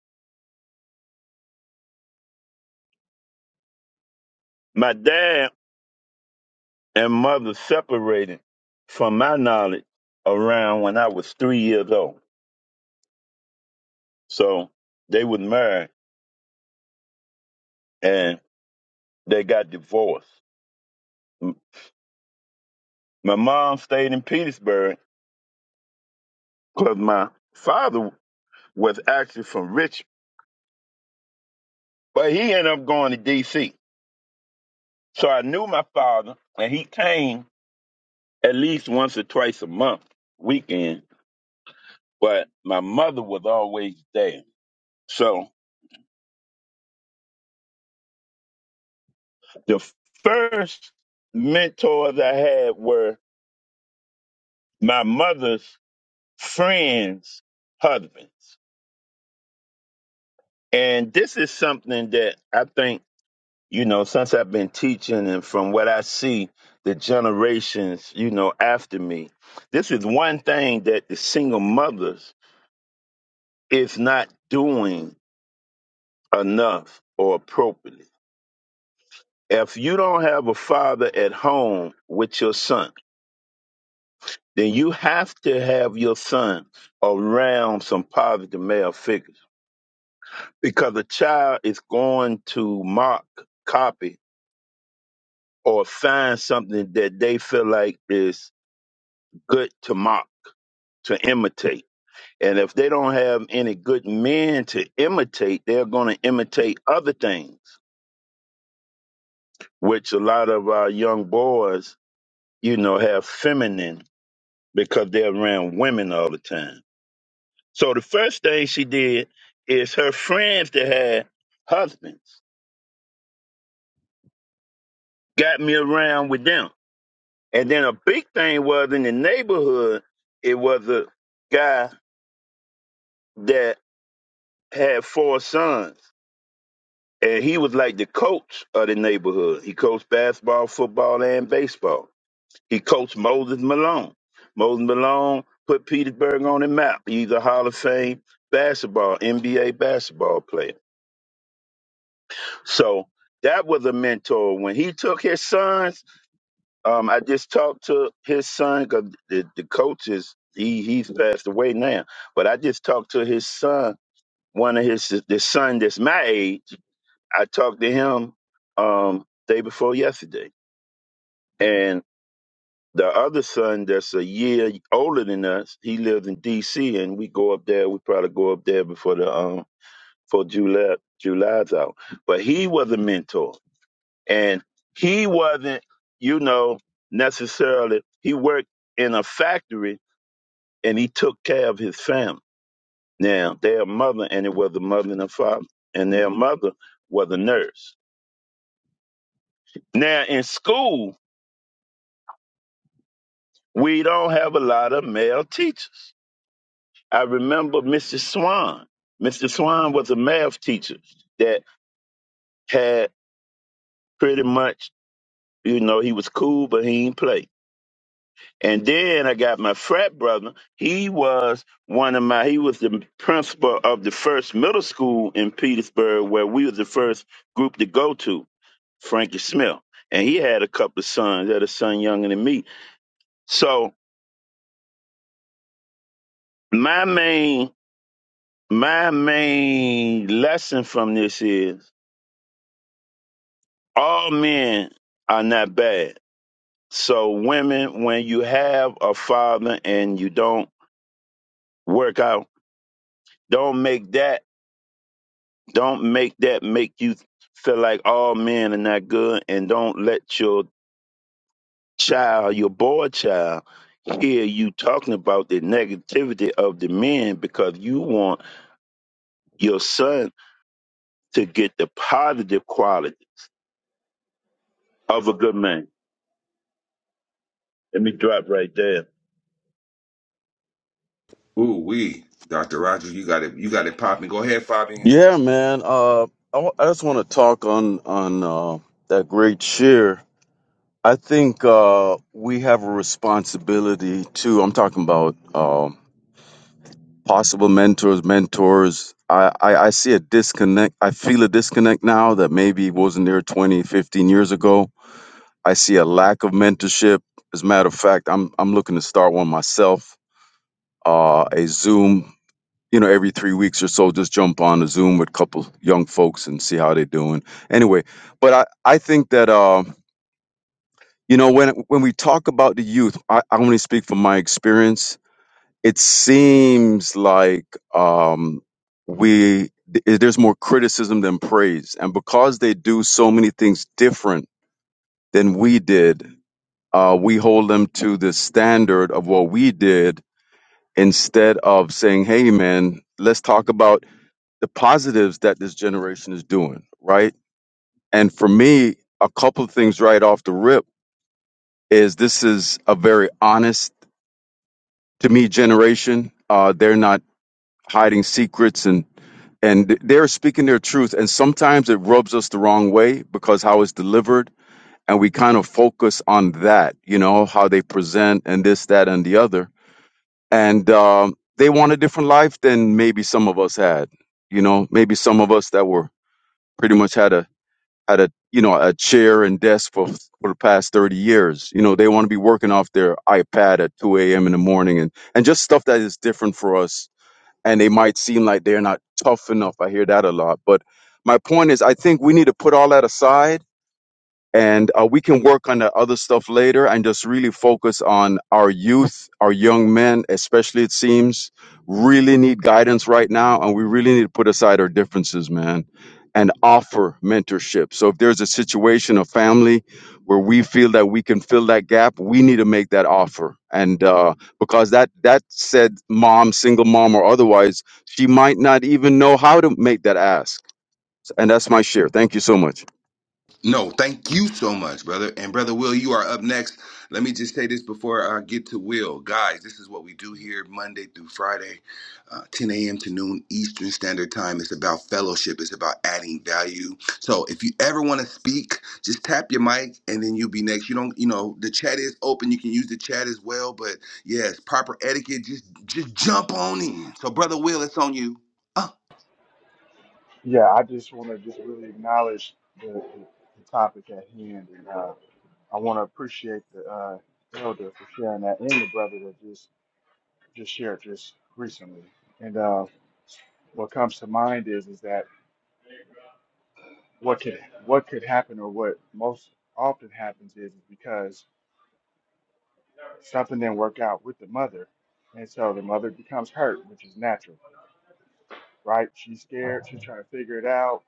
Speaker 4: my dad and mother separated, from my knowledge, around when I was three years old. So they were married and they got divorced. M- My mom stayed in Petersburg because my father was actually from Richmond, but he ended up going to D.C. So I knew my father, and he came at least once or twice a month, weekend, but my mother was always there. So the first mentors I had were my mother's friends' husbands. And this is something that I think, you know, since I've been teaching and from what I see, the generations, you know, after me, this is one thing that the single mothers is not doing enough or appropriately. If you don't have a father at home with your son, then you have to have your son around some positive male figures because a child is going to mock, copy, or find something that they feel like is good to mock, to imitate. And if they don't have any good men to imitate, they're going to imitate other things, which a lot of our young boys, you know, have feminine because they're around women all the time. So the first thing she did is her friends that had husbands got me around with them. And then a big thing was in the neighborhood, it was a guy that had four sons. And he was like the coach of the neighborhood. He coached basketball, football, and baseball. He coached Moses Malone. Moses Malone put Petersburg on the map. He's a Hall of Fame basketball, NBA basketball player. So that was a mentor. When he took his sons, um, I just talked to his son because the, the coach is he he's passed away now. But I just talked to his son, one of his the son that's my age. I talked to him um day before yesterday, and the other son that's a year older than us, he lives in D.C. and we go up there. We probably go up there before the um for July July's out. But he was a mentor and he wasn't, you know, necessarily. He worked in a factory and he took care of his family. Now their mother, and it was a mother and a father, and their mother was a nurse. Now in school, we don't have a lot of male teachers. I remember Mr. Swan. Mr. Swan was a math teacher that had pretty much, you know, he was cool, but he didn't play And then I got my frat brother. He was one of my, he was the principal of the first middle school in Petersburg where we was the first group to go to, Frankie Smith. And he had a couple of sons, had a son younger than me. So my main, my main lesson from this is all men are not bad. So women, when you have a father and you don't work out, don't make that Don't make that make you feel like all men are not good, and don't let your child, your boy child, hear you talking about the negativity of the men because you want your son to get the positive quality of a good man. Let me drop right there.
Speaker 3: Ooh we, Doctor Roger, you got it. You got it popping. Go ahead, Fabian.
Speaker 5: Yeah, man. Uh, I, w- I just want to talk on on uh, that great cheer. I think uh, we have a responsibility to. I'm talking about um possible mentors, mentors. I, I, I see a disconnect. I feel a disconnect now that maybe wasn't there 20, 15 years ago. I see a lack of mentorship. As a matter of fact, I'm I'm looking to start one myself. Uh, a Zoom you know, every three weeks or so, just jump on a Zoom with a couple young folks and see how they're doing. Anyway, but I, I think that, uh, you know, when when we talk about the youth, I, I only speak from my experience. It seems like um, we th- there's more criticism than praise, and because they do so many things different than we did, uh, we hold them to the standard of what we did instead of saying, "Hey, man, let's talk about." the positives that this generation is doing, right? And for me, a couple of things right off the rip is this is a very honest to me generation. Uh, they're not hiding secrets and and they're speaking their truth. And sometimes it rubs us the wrong way because how it's delivered, and we kind of focus on that, you know, how they present and this, that, and the other. And um, they want a different life than maybe some of us had. You know, maybe some of us that were pretty much had a at a you know a chair and desk for for the past 30 years you know they want to be working off their ipad at 2 a.m in the morning and and just stuff that is different for us and they might seem like they're not tough enough i hear that a lot but my point is i think we need to put all that aside and uh, we can work on the other stuff later and just really focus on our youth our young men especially it seems really need guidance right now and we really need to put aside our differences man and offer mentorship so if there's a situation of family where we feel that we can fill that gap we need to make that offer and uh, because that that said mom single mom or otherwise she might not even know how to make that ask and that's my share thank you so much
Speaker 3: No, thank you so much, brother. And brother Will, you are up next. Let me just say this before I get to Will. Guys, this is what we do here Monday through Friday, uh, 10 a.m. to noon Eastern Standard Time. It's about fellowship, it's about adding value. So if you ever want to speak, just tap your mic and then you'll be next. You don't, you know, the chat is open. You can use the chat as well. But yes, proper etiquette, just just jump on in. So, brother Will, it's on you. Uh.
Speaker 6: Yeah, I just want to just really acknowledge the, the, the topic at hand, and uh, I want to appreciate the uh, elder for sharing that, and the brother that just just shared just recently. And uh, what comes to mind is is that what could what could happen, or what most often happens, is because something didn't work out with the mother, and so the mother becomes hurt, which is natural, right? She's scared. She's trying to figure it out,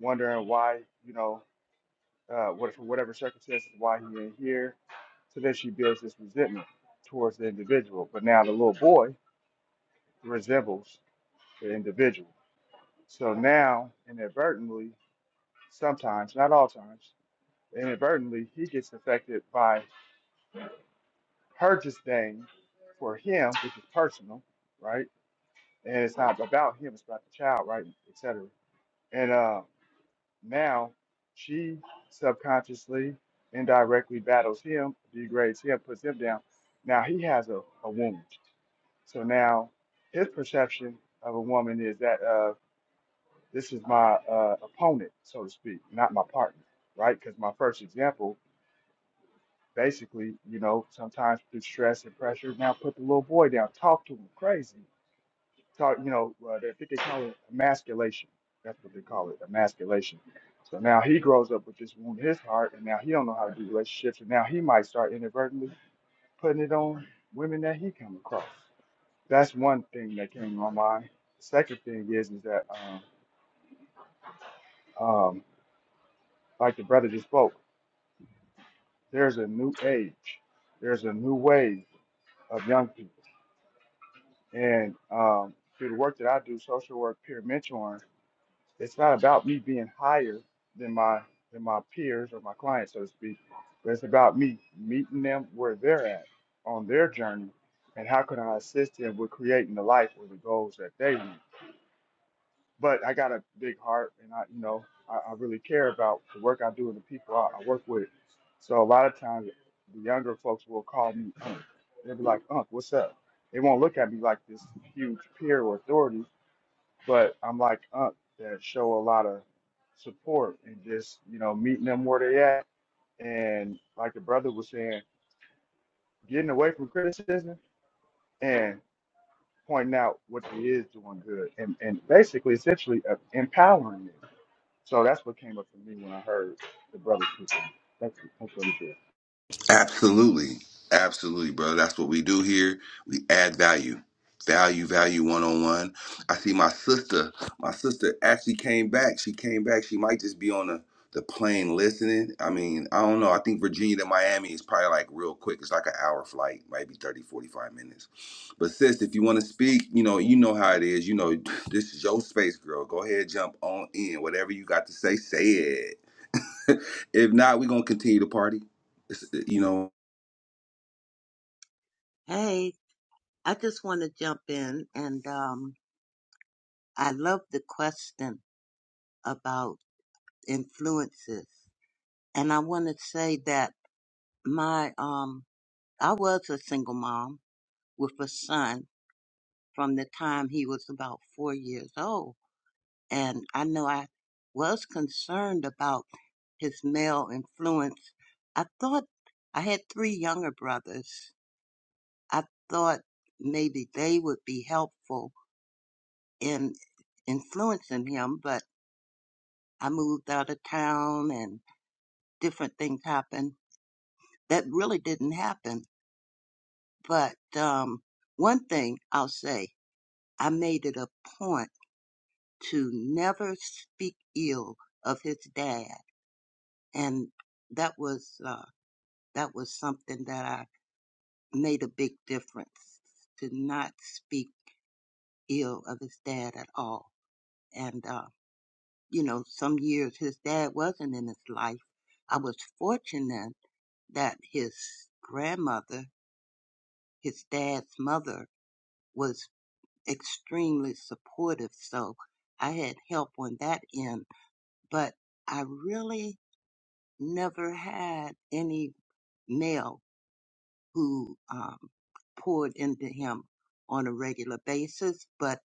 Speaker 6: wondering why, you know. uh, what, for whatever circumstances, why he did here. So then she builds this resentment towards the individual. But now the little boy resembles the individual. So now, inadvertently, sometimes, not all times, inadvertently, he gets affected by her disdain for him, which is personal, right? And it's not about him, it's about the child, right? Et cetera. And. um, Now she subconsciously, indirectly battles him, degrades him, puts him down. Now he has a, a wound. So now his perception of a woman is that uh, this is my uh, opponent, so to speak, not my partner, right? Because my first example, basically, you know, sometimes through stress and pressure, now put the little boy down, talk to him crazy talk, you know, uh, I think they call it emasculation. That's what they call it, emasculation. So now he grows up with this wound in his heart, and now he don't know how to do relationships, and now he might start inadvertently putting it on women that he come across. That's one thing that came to my mind. The second thing is is that, um, um, like the brother just spoke, there's a new age, there's a new wave of young people, and um, through the work that I do, social work, peer mentoring. It's not about me being higher than my than my peers or my clients, so to speak, but it's about me meeting them where they're at on their journey, and how can I assist them with creating the life or the goals that they need. But I got a big heart, and I you know I, I really care about the work I do and the people I, I work with. So a lot of times, the younger folks will call me Unc. They'll be like, Unc, what's up? They won't look at me like this huge peer or authority but I'm like Unc that show a lot of support and just, you know, meeting them where they at. And like the brother was saying, getting away from criticism and pointing out what they is doing good and, and basically essentially uh, empowering them. So that's what came up for me when I heard the brother speaking. Thank you. Thank you.
Speaker 3: Absolutely. Absolutely, brother. That's what we do here. We add value. Value, value one on one. I see my sister. My sister actually came back. She came back. She might just be on the, the plane listening. I mean, I don't know. I think Virginia to Miami is probably like real quick. It's like an hour flight, maybe 30, 45 minutes. But sis, if you want to speak, you know, you know how it is. You know, *laughs* *tsk* this is your space, girl. Go ahead, jump on in. Whatever you got to say, say it. *laughs* if not, we're gonna continue the party. It's, you know,
Speaker 2: Hey, I just want to jump in and um, I love the question about influences. And I want to say that my, um, I was a single mom with a son from the time he was about four years old. And I know I was concerned about his male influence. I thought I had three younger brothers. I thought maybe they would be helpful in influencing him, but I moved out of town and different things happened. That really didn't happen. But um, one thing I'll say, I made it a point to never speak ill of his dad and that was uh that was something that I made a big difference to not speak ill of his dad at all and uh you know some years his dad wasn't in his life I was fortunate that his grandmother his dad's mother was extremely supportive so I had help on that end but I really never had any male who um, poured into him on a regular basis, but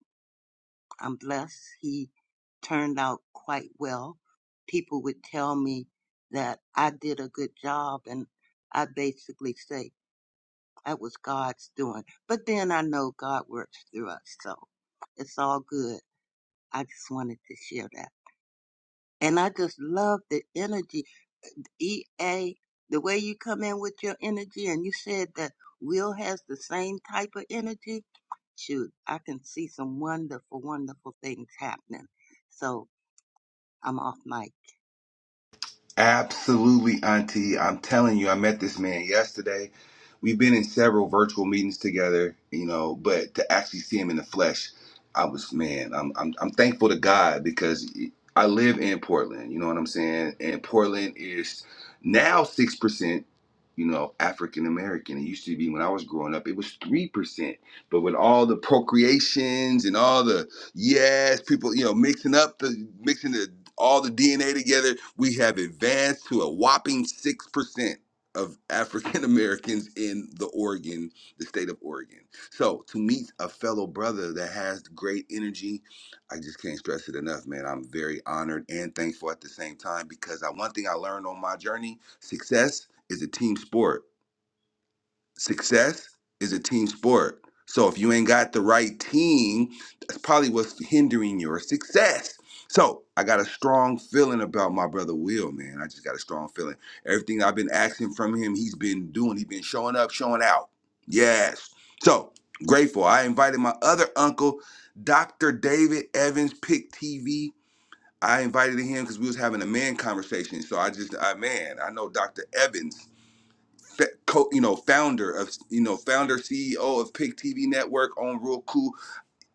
Speaker 2: I'm blessed he turned out quite well. People would tell me that I did a good job, and I basically say that was God's doing. But then I know God works through us, so it's all good. I just wanted to share that. And I just love the energy EA, the way you come in with your energy, and you said that Will has the same type of energy. Shoot, I can see some wonderful, wonderful things happening. So I'm off mic.
Speaker 3: Absolutely, Auntie. I'm telling you, I met this man yesterday. We've been in several virtual meetings together, you know, but to actually see him in the flesh, I was man. I'm I'm, I'm thankful to God because I live in Portland. You know what I'm saying? And Portland is now six percent. You know, African American. It used to be when I was growing up, it was three percent. But with all the procreations and all the Yes, people, you know, mixing up the mixing the all the DNA together, we have advanced to a whopping six percent of African *laughs* Americans in the Oregon, the state of Oregon. So to meet a fellow brother that has great energy, I just can't stress it enough, man. I'm very honored and thankful at the same time because I, one thing I learned on my journey, success is a team sport success is a team sport. So if you ain't got the right team, that's probably what's hindering your success. So I got a strong feeling about my brother Will, man. I just got a strong feeling. Everything I've been asking from him, he's been doing. He's been showing up, showing out. Yes. So grateful. I invited my other uncle, Dr. David Evans, Pick TV. I invited him because we was having a man conversation. So I just, I man, I know Dr. Evans fa- co- you know founder of you know founder CEO of Pick TV Network on Real Cool.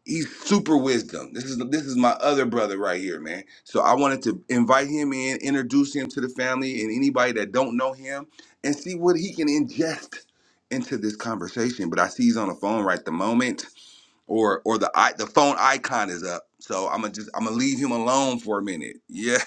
Speaker 3: He's super wisdom. This is this is my other brother right here, man. So I wanted to invite him in, introduce him to the family and anybody that don't know him, and see what he can ingest into this conversation. But I see he's on the phone right the moment, or or the i- the phone icon is up. So I'm gonna just I'm gonna leave him alone for a minute. *laughs* Yeah.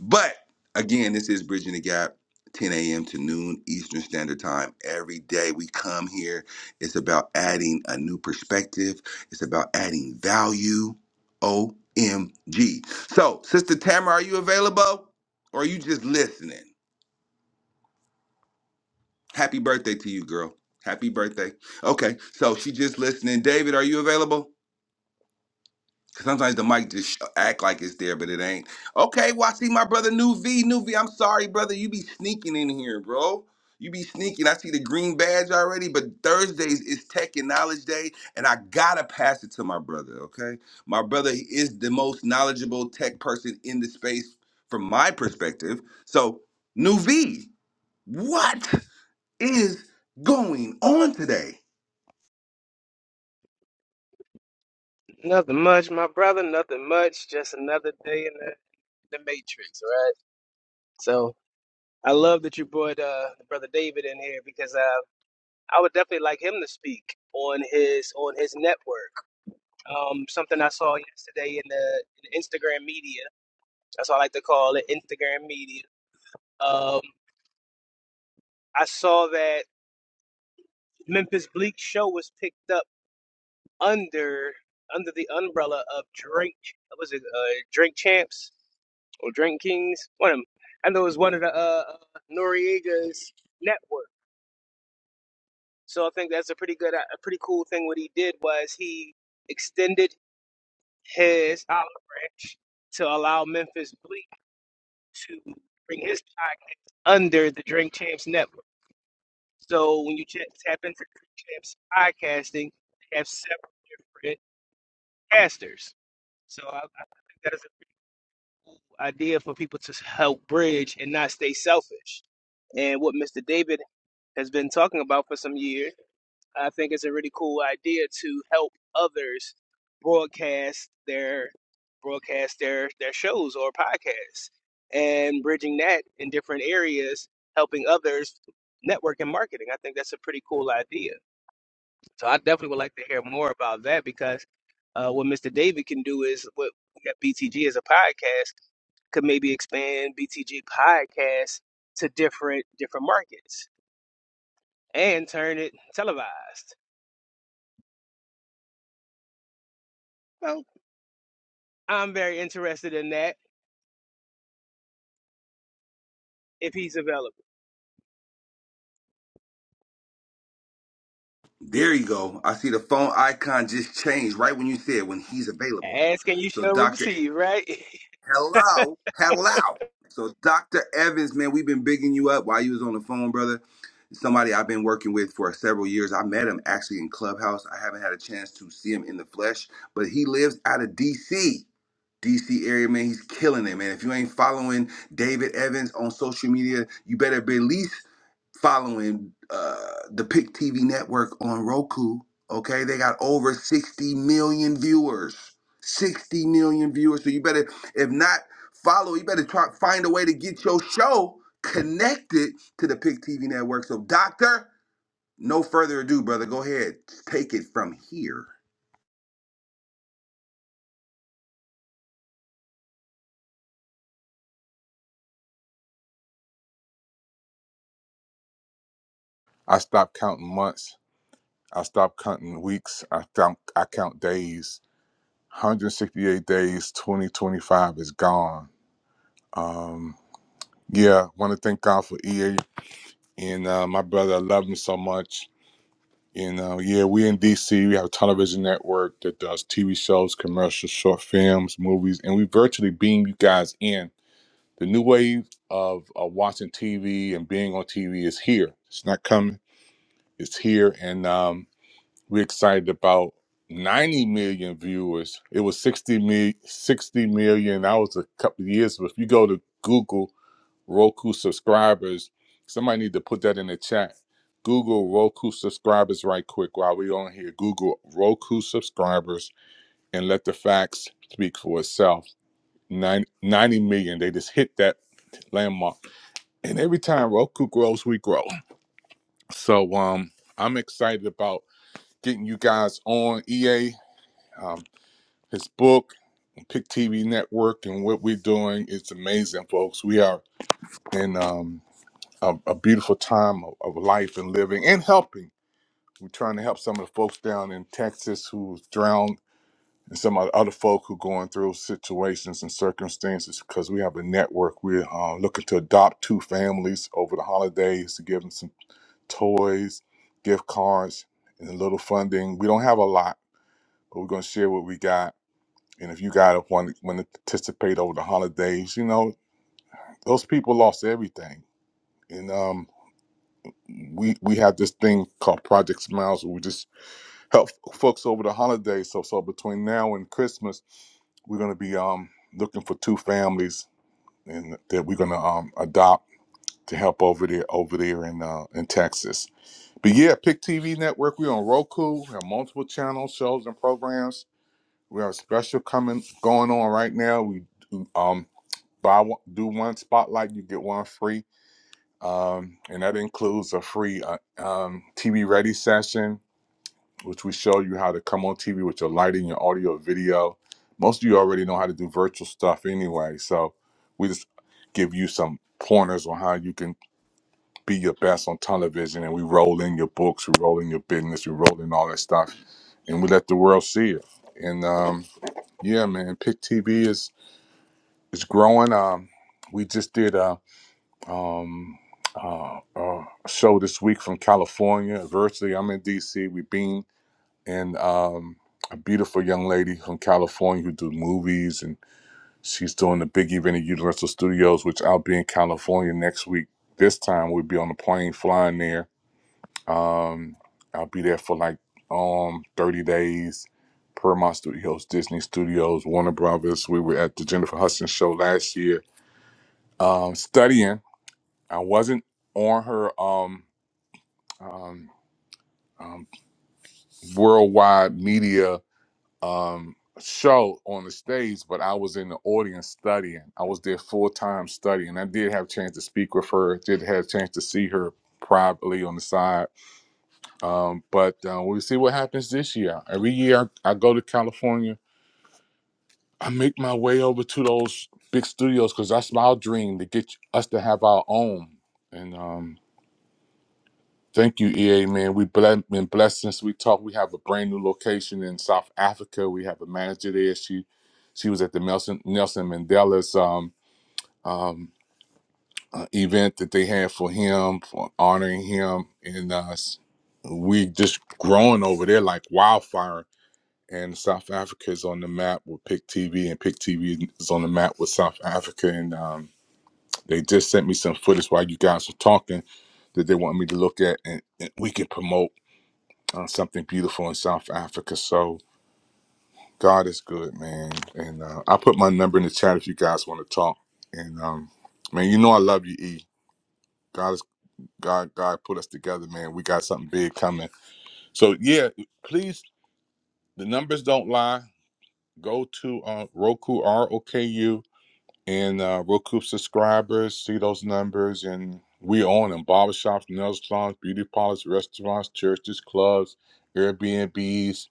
Speaker 3: But again, this is Bridging the Gap, 10 a.m. to noon Eastern Standard Time. Every day we come here, it's about adding a new perspective, it's about adding value. OMG. So, Sister Tamara, are you available or are you just listening? Happy birthday to you, girl. Happy birthday. Okay, so she just listening. David, are you available? Sometimes the mic just sh- act like it's there, but it ain't. Okay, well, I see my brother New V. New V, I'm sorry, brother. You be sneaking in here, bro. You be sneaking. I see the green badge already, but Thursdays is Tech and Knowledge Day, and I gotta pass it to my brother, okay? My brother is the most knowledgeable tech person in the space from my perspective. So, New V, what is going on today?
Speaker 8: Nothing much, my brother. Nothing much. Just another day in the, the matrix, right? So I love that you brought uh, brother David in here because uh, I would definitely like him to speak on his on his network. Um, something I saw yesterday in the, in the Instagram media. That's what I like to call it, Instagram media. Um, I saw that Memphis Bleak show was picked up. under under the umbrella of Drink. What was it uh, Drink Champs or Drink Kings? One of them. I know it was one of the uh, Noriega's network. So I think that's a pretty good, a pretty cool thing. What he did was he extended his olive branch to allow Memphis Bleak to bring his podcast under the Drink Champs network. So when you ch- tap into Drink Champs podcasting, they have several different casters. So I, I think that is. idea for people to help bridge and not stay selfish. And what Mr. David has been talking about for some years, I think it's a really cool idea to help others broadcast their broadcast their their shows or podcasts and bridging that in different areas, helping others network and marketing. I think that's a pretty cool idea. So I definitely would like to hear more about that because uh, what Mr. David can do is what we got BTG as a podcast could maybe expand BTG podcast to different different markets and turn it televised. Well, I'm very interested in that if he's available.
Speaker 3: There you go. I see the phone icon just changed right when you said when he's available.
Speaker 8: Ask and you
Speaker 3: So
Speaker 8: shall
Speaker 3: Dr.
Speaker 8: receive, right?
Speaker 3: Hello. Hello. So Dr. Evans, man, we've been bigging you up while you was on the phone, brother. Somebody I've been working with for several years. I met him actually in Clubhouse. I haven't had a chance to see him in the flesh, but he lives out of DC. DC area, man, he's killing it, man. If you ain't following David Evans on social media, you better be at least following uh, the Pick TV network on Roku. Okay, they got over 60 million viewers. 60 million viewers. So you better, if not follow, you better try find a way to get your show connected to the Pick TV network. So, Doctor, no further ado, brother. Go ahead, take it from here.
Speaker 9: I stopped counting months. I stopped counting weeks. I count I count days. 168 days. 2025 is gone. Um, yeah, want to thank God for EA and uh, my brother. I love him so much. And uh, yeah, we in DC. We have a television network that does TV shows, commercials, short films, movies, and we virtually beam you guys in. The new wave of uh, watching TV and being on TV is here. It's not coming. It's here, and um, We're excited about 90 million viewers. It was 60 mi 60 million. That was a couple of years. But if you go to Google Roku subscribers, somebody need to put that in the chat. Google Roku subscribers right quick while we on here. Google Roku subscribers and let the facts speak for itself. Nine ninety million. They just hit that landmark. And every time Roku grows, we grow. So um I'm excited about getting you guys on EA um, his book, Pick TV Network, and what we're doing. It's amazing, folks. We are in um, a, a beautiful time of, of life and living and helping. We're trying to help some of the folks down in Texas who's drowned and some of the other folk who going through situations and circumstances because we have a network. We're uh, looking to adopt two families over the holidays to give them some toys, gift cards, and a little funding. We don't have a lot, but we're going to share what we got And if you guys want want to participate over the holidays, you know those people lost everything. And um, we we have this thing called Project Smiles, where we just help folks over the holidays. So so between now and Christmas, we're gonna be um looking for two families and that we're gonna um adopt to help over there over there in uh in Texas. But yeah, Pick TV Network, we're on Roku, we have multiple channels, shows and programs. We have a special coming going on right now. We um buy one, do one spotlight, you get one free, um, and that includes a free uh, um, TV ready session, which we show you how to come on TV with your lighting, your audio, video. Most of you already know how to do virtual stuff anyway, so we just give you some pointers on how you can be your best on television, and we roll in your books, we roll in your business, we roll in all that stuff, and we let the world see it. And um, yeah, man, Pick TV is is growing. Um, we just did. Um, Um, uh, uh, show this week from California. Virtually, I'm in DC. We've been and um, a beautiful young lady from California who do movies, and she's doing the big event at Universal Studios, which I'll be in California next week. This time we'll be on the plane flying there. Um, I'll be there for like um 30 days. Paramount Studios, Disney Studios, Warner Brothers. We were at the Jennifer Hudson show last year, um, studying I wasn't on her um, um, um, worldwide media um, show on the stage, but I was in the audience studying. I was there full time studying. I did have a chance to speak with her. Did have a chance to see her privately on the side. Um, but uh, we'll see what happens this year. Every year I, I go to California. I make my way over to those big studios because that's my dream to get us to have our own. And um, Thank you, EA man. We've ble- been blessed since we talked. We have a brand new location in South Africa. We have a manager there. She she was at the Nelson Nelson Mandela's um um uh, event that they had for him for honoring him, and uh, s- we just growing over there like wildfire. And South Africa is on the map with Pick TV, and Pick TV is on the map with South Africa. And um, they just sent me some footage while you guys were talking that they want me to look at, and, and we can promote uh, something beautiful in South Africa. So God is good, man. And uh, I put my number in the chat if you guys want to talk. And um, man, you know I love you, E. God is God. God put us together, man. We got something big coming. So yeah, please. The numbers don't lie. Go to uh, Roku R O K U and uh, Roku subscribers. See those numbers, and we on them. Barbershops, nail salons, beauty parlors, restaurants, churches, clubs, Airbnbs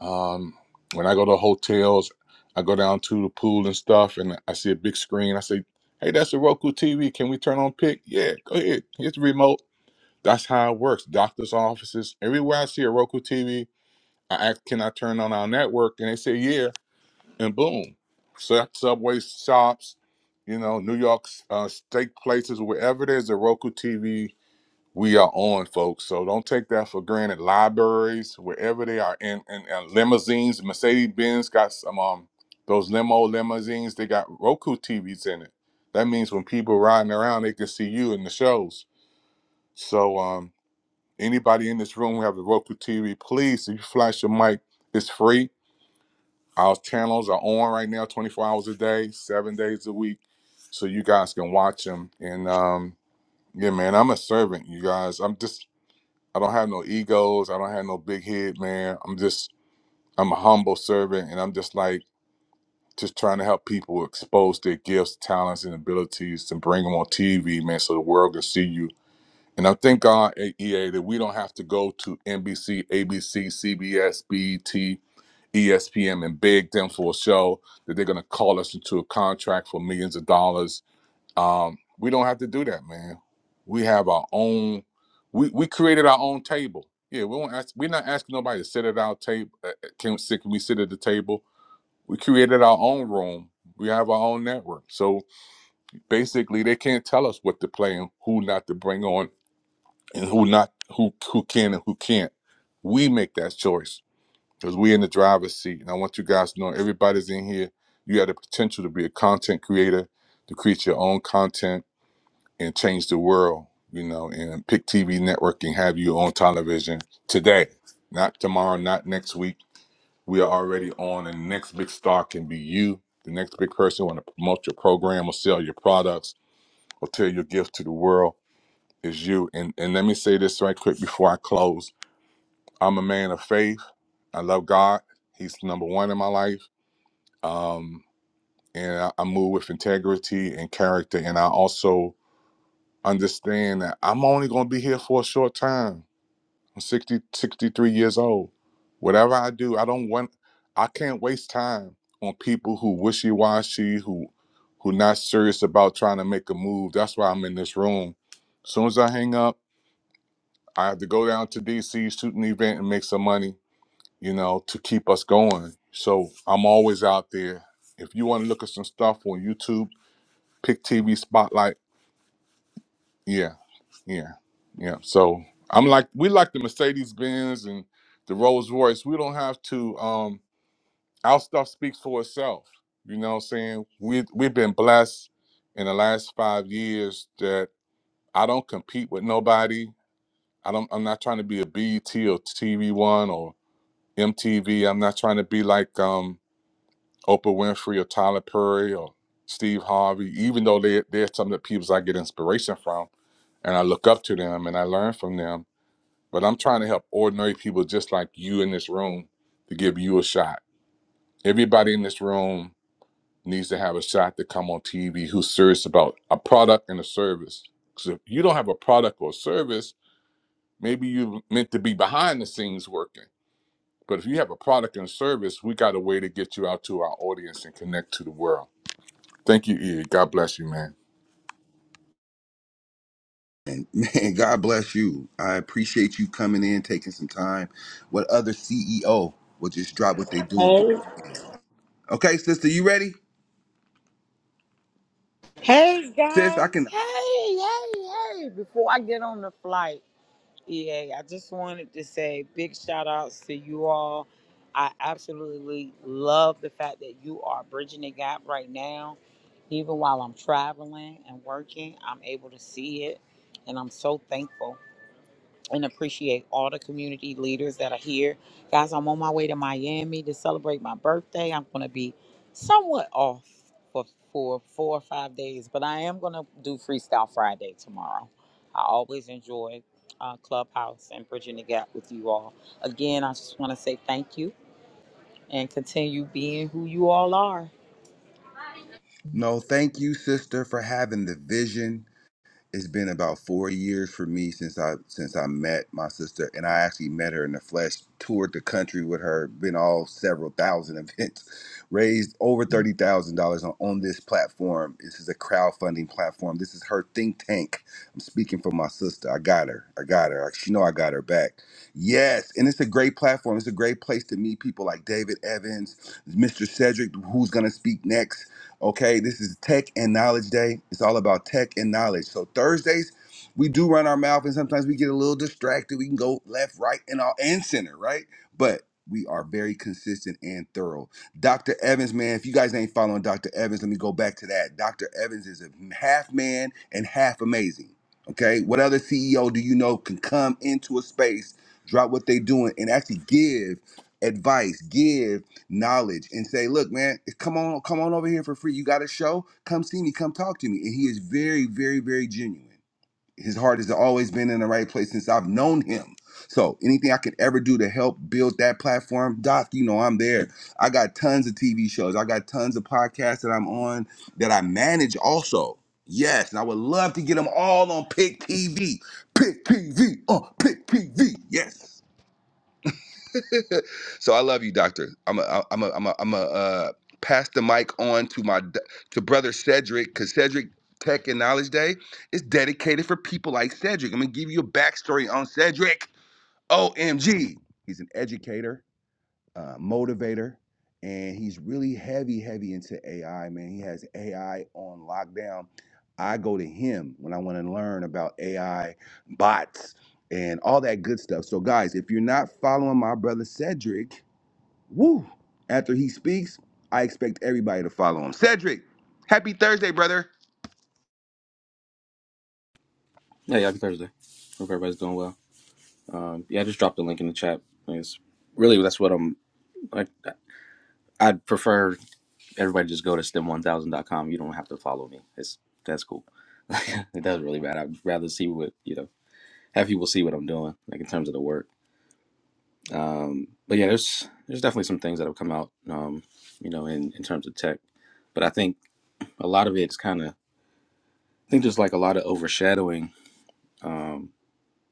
Speaker 9: Um, when I go to hotels, I go down to the pool and stuff, and I see a big screen. I say, "Hey, that's a Roku TV. Can we turn on Pick? Yeah, go ahead. Here's the remote." That's how it works. Doctors' offices, everywhere I see a Roku TV, I ask, "Can I turn on our network?" And they say, "Yeah," and boom. So subway shops, you know, New York uh, steak places, wherever there's a Roku TV we are on, folks. So don't take that for granted. Libraries, wherever they are, and, and, and limousines, Mercedes Benz got some um um, those limo limousines. They got Roku TVs in it. That means when people riding around, they can see you in the shows. So um, anybody in this room who have a Roku TV, please, if you flash your mic, it's free. Our channels are on right now, 24 hours a day, seven days a week, so you guys can watch them. And um, yeah, man, I'm a servant, you guys. I'm just I don't have no egos. I don't have no big head, man. I'm just I'm a humble servant, and I'm just like just trying to help people expose their gifts, talents, and abilities, and bring them on TV, man, so the world can see you. And I thank God, eh, EA, that we don't have to go to NBC, ABC, CBS, BET, ESPN, and beg them for a show that they're going to call us into a contract for millions of dollars um, we don't have to do that, man. We have our own. We we created our own table. Yeah, we won't ask. We're not asking nobody to sit at our table. Can sit? Can we sit at the table? We created our own room. We have our own network. So basically, they can't tell us what to play and who not to bring on and who not who who can and who can't. We make that choice because we're in the driver's seat. And I want you guys to know everybody's in here. You have the potential to be a content creator, to create your own content and change the world, you know, and pick TV network and have you on television today, not tomorrow, not next week. We are already on, and the next big star can be you, the next big person want to promote your program or sell your products or tell your gift to the world is you. And and let me say this right quick before I close. I'm a man of faith. I love God. He's number one in my life. Um, and I, I move with integrity and character. And I also understand that I'm only going to be here for a short time. I'm sixty-sixty-three years old. Whatever I do, I don't want, I can't waste time on people who wishy-washy, who, who not serious about trying to make a move. That's why I'm in this room. As soon as I hang up, I have to go down to DC, shoot an event and make some money, you know, to keep us going. So I'm always out there. If you want to look at some stuff on YouTube, pick TV Spotlight. Yeah, Yeah, yeah. So I'm like, we like the Mercedes Benz and the Rolls Royce. We don't have to. Um, our stuff speaks for itself. You know, what I'm saying we we've been blessed in the last five years that I don't compete with nobody. I don't. I'm not trying to be a BET or TV One or MTV. I'm not trying to be like um, Oprah Winfrey or Tyler Perry or Steve Harvey. Even though they they're some of the people I get inspiration from, and I look up to them and I learn from them but I'm trying to help ordinary people just like you in this room to give you a shot. Everybody in this room needs to have a shot to come on TV who's serious about a product and a service. Because if you don't have a product or service, maybe you meant to be behind the scenes working. But if you have a product and service, we got a way to get you out to our audience and connect to the world. Thank you, E. God bless you, man.
Speaker 3: And man, *laughs* God bless you. I appreciate you coming in, taking some time. What other CEO will just drop what they're doing?
Speaker 10: Hey,
Speaker 3: Okay, sister, you ready?
Speaker 10: hey
Speaker 3: Sis, I
Speaker 10: guys.
Speaker 3: can.
Speaker 10: Hey, hey, hey. Before I get on the flight, EA, I just wanted to say big shout outs to you all. I absolutely love the fact that you are bridging the gap right now. Even while I'm traveling and working, I'm able to see it. And I'm so thankful. and appreciate all the community leaders that are here. Guys, I'm on my way to Miami to celebrate my birthday. I'm going to be somewhat off for, for four or five days, but I am going to do Freestyle Friday tomorrow. I always enjoy uh, Clubhouse and Bridging the Gap with you all. Again, I just want to say thank you and continue being who you all are.
Speaker 3: No, thank you, sister, for having the vision it's been about four years for me since I since I met my sister, and I actually met her in the flesh. Toured the country with her, been all several thousand *laughs* events, raised over thirty thousand dollars on on this platform. This is a crowdfunding platform. This is her think tank. I'm speaking for my sister. I got her. I got her. She know I got her back. Yes, and it's a great platform. It's a great place to meet people like David Evans, Mr. Cedric, who's gonna speak next Okay, this is Tech and Knowledge Day. It's all about tech and knowledge. So Thursdays, we do run our mouth, and sometimes we get a little distracted. We can go left, right, and all and center, right? But we are very consistent and thorough. Dr. Evans, man, if you guys ain't following Dr. Evans, let me go back to that. Dr. Evans is a half man and half amazing. Okay, what other CEO do you know can come into a space, drop what they doing, and actually give advice, give knowledge and say, look, man, come on, come on over here for free. You got a show? Come see me, come talk to me. And he is very, very, very genuine. His heart has always been in the right place since I've known him. So anything I could ever do to help build that platform, Doc, you know I'm there. I got tons of TV shows. I got tons of podcasts that I'm on that I manage also. Yes, and I would love to get them all on Pick TV. Pick TV, uh, Pick TV. Yes. *laughs* so I love you, Doctor. I'm a, I'm a, I'm a, I'm a uh, pass the mic on to my d- to brother Cedric because Cedric Tech and Knowledge Day is dedicated for people like Cedric. I'm gonna give you a backstory on Cedric. OMG, he's an educator, uh, motivator, and he's really heavy, heavy into AI. Man, he has AI on lockdown. I go to him when I want to learn about AI bots and all that good stuff. So, guys, if you're not following my brother Cedric, Woo! After he speaks, I expect everybody to follow him. Cedric, happy Thursday, brother.
Speaker 11: Yeah, yeah, happy Thursday. Hope everybody's doing well. Um, yeah, I just dropped the link in the chat. I guess really that's what I'm like. I'd prefer everybody just go to stem1000.com. You don't have to follow me. It's that's cool. *laughs* it doesn't really matter. I'd rather see what you know. Have people see what I'm doing, like in terms of the work. Um, but yeah, there's there's definitely some things that have come out, um, you know, in in terms of tech. But I think a lot of it's kind of. I think there's like a lot of overshadowing. Um,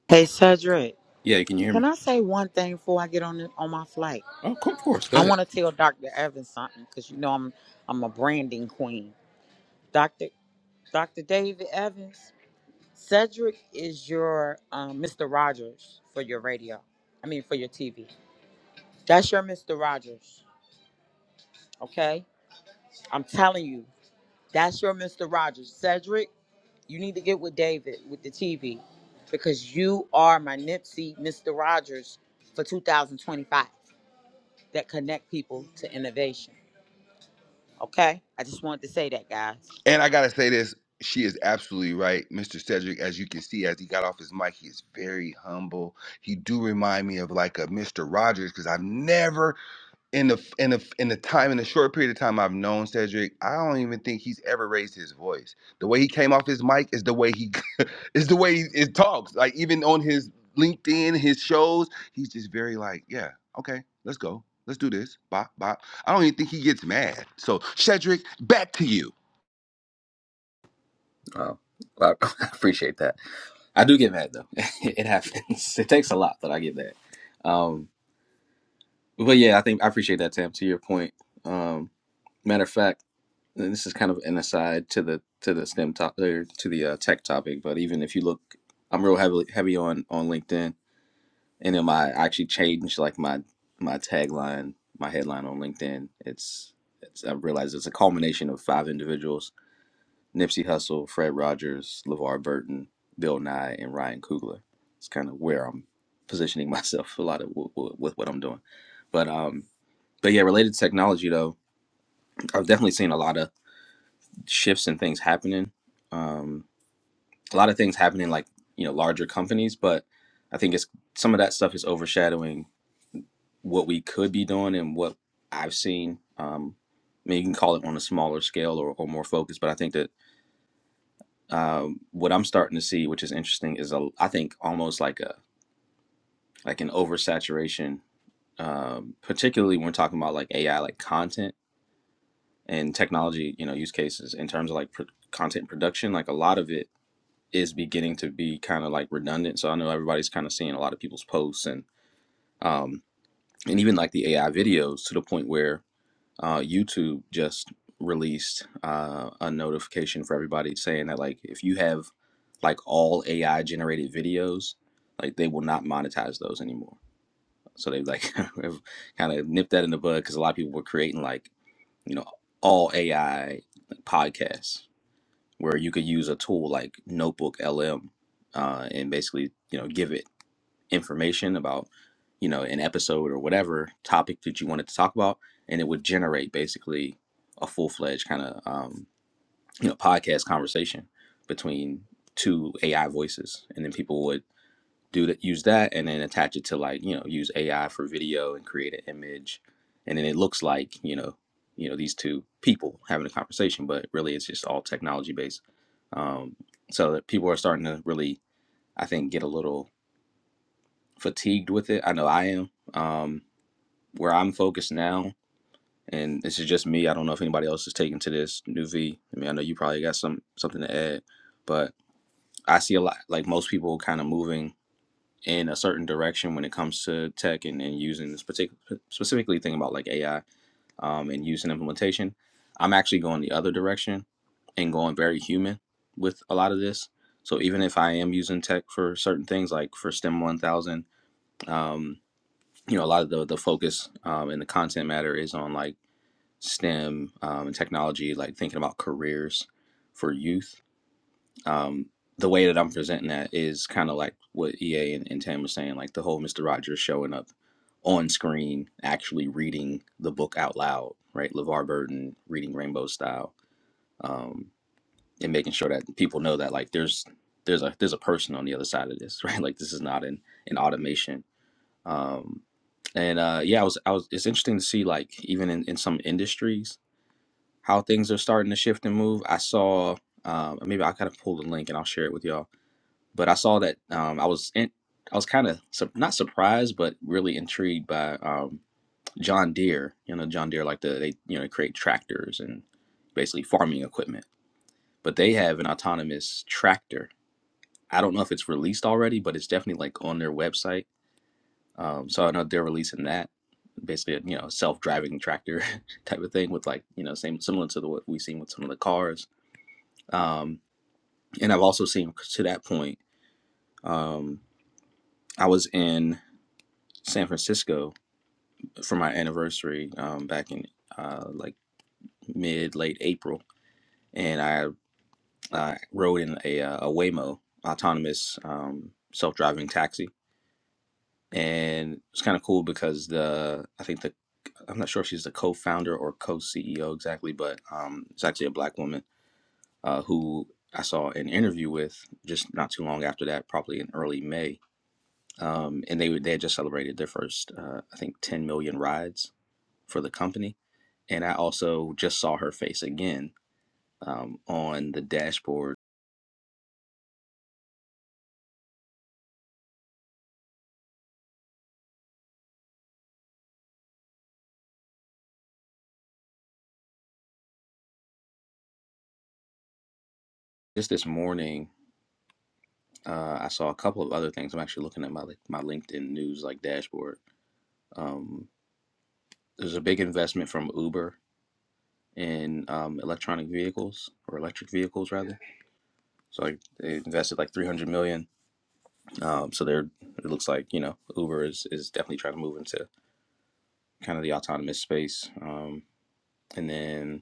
Speaker 10: Hey, Cedric.
Speaker 11: yeah, can you hear
Speaker 10: Can
Speaker 11: me?
Speaker 10: I say one thing before I get on the, on my flight?
Speaker 11: Oh, of course. Go
Speaker 10: I
Speaker 11: ahead.
Speaker 10: want to tell Dr. Evans something because you know I'm I'm a branding queen. Dr. Dr. David Evans, Cedric is your um, Mr. Rogers for your radio. I mean, for your TV. That's your Mr. Rogers. Okay, I'm telling you, that's your Mr. Rogers. Cedric, you need to get with David with the TV because you are my Nipsey Mr. Rogers for 2025 that connect people to innovation. Okay, I just wanted to say that, guys.
Speaker 3: And I gotta say this, she is absolutely right. Mr. Cedric, as you can see, as he got off his mic, he is very humble. He do remind me of like a Mr. Rogers, because I've never in the in the in the time in the short period of time I've known Cedric, I don't even think he's ever raised his voice. The way he came off his mic is the way he *laughs* is the way he, it talks. Like even on his LinkedIn, his shows, he's just very like, yeah, okay, let's go, let's do this. Bop bop. I don't even think he gets mad. So Cedric, back to you,
Speaker 11: Oh, well, *laughs* I appreciate that. I do get mad though. *laughs* it happens. It takes a lot, but I get that. Um, but yeah, I think I appreciate that, Tam. To your point. Um, matter of fact, and this is kind of an aside to the to the STEM top or to the uh, tech topic. But even if you look, I'm real heavily heavy on on LinkedIn, and then my I actually changed like my my tagline, my headline on LinkedIn. It's it's I realize it's a culmination of five individuals Nipsey Hussle, Fred Rogers, LeVar Burton, Bill Nye, and Ryan Coogler. It's kind of where I'm positioning *laughs* myself a lot of w- w- with what I'm doing. But um, but yeah, related to technology though, I've definitely seen a lot of shifts and things happening. Um, a lot of things happening like you know larger companies, but I think it's some of that stuff is overshadowing what we could be doing and what I've seen. Um, I mean, you can call it on a smaller scale or, or more focused, but I think that um, what I'm starting to see, which is interesting, is a I think almost like a like an oversaturation, um, particularly when we're talking about like AI, like content and technology, you know, use cases in terms of like pro- content production. Like a lot of it is beginning to be kind of like redundant. So I know everybody's kind of seeing a lot of people's posts and um, and even like the AI videos to the point where uh, YouTube just released uh, a notification for everybody saying that like if you have like all AI generated videos, like they will not monetize those anymore. So they like *laughs* kind of nipped that in the bud because a lot of people were creating like you know all AI like, podcasts where you could use a tool like Notebook LM uh, and basically you know give it information about you know an episode or whatever topic that you wanted to talk about and it would generate basically a full-fledged kind of um, you know podcast conversation between two ai voices and then people would do that use that and then attach it to like you know use ai for video and create an image and then it looks like you know you know these two people having a conversation but really it's just all technology based um, so that people are starting to really i think get a little fatigued with it. I know I am. Um, where I'm focused now, and this is just me. I don't know if anybody else is taking to this new V. I mean, I know you probably got some something to add, but I see a lot like most people kind of moving in a certain direction when it comes to tech and, and using this particular specifically thinking about like AI um, and use and implementation. I'm actually going the other direction and going very human with a lot of this. So even if I am using tech for certain things, like for STEM 1000, you know a lot of the the focus um, and the content matter is on like STEM um, and technology, like thinking about careers for youth. Um, the way that I'm presenting that is kind of like what EA and, and Tam was saying, like the whole Mister Rogers showing up on screen, actually reading the book out loud, right? LeVar Burton reading Rainbow Style, um, and making sure that people know that like there's there's a there's a person on the other side of this, *laughs* right? Like this is not an an automation um and uh yeah i was i was it's interesting to see like even in, in some industries how things are starting to shift and move i saw um maybe i kind of pull the link and i'll share it with y'all but i saw that um i was in i was kind of su- not surprised but really intrigued by um john deere you know john deere like the they you know create tractors and basically farming equipment but they have an autonomous tractor i don't know if it's released already but it's definitely like on their website Um, so I know they're releasing that, basically, a you know, self-driving tractor *laughs* type of thing with like, you know, same similar to the, what we've seen with some of the cars. Um, and I've also seen to that point. Um, I was in San Francisco for my anniversary um, back in uh, like mid late April, and I uh, rode in a, uh, a Waymo autonomous um, self-driving taxi, and it's kind of cool because the I think the I'm not sure if she's the co-founder or co-CEO exactly, but um, it's actually a black woman uh, who I saw an interview with just not too long after that, probably in early May, um, and they they had just celebrated their first, uh, I think, 10 million rides for the company, and I also just saw her face again um, on the dashboard just this morning. Uh, I saw a couple of other things. I'm actually looking at my like, my LinkedIn news like dashboard. Um, there's a big investment from Uber in um, electronic vehicles or electric vehicles rather. So like they invested like 300 million. Um, so they're it looks like you know Uber is is definitely trying to move into kind of the autonomous space. Um, and then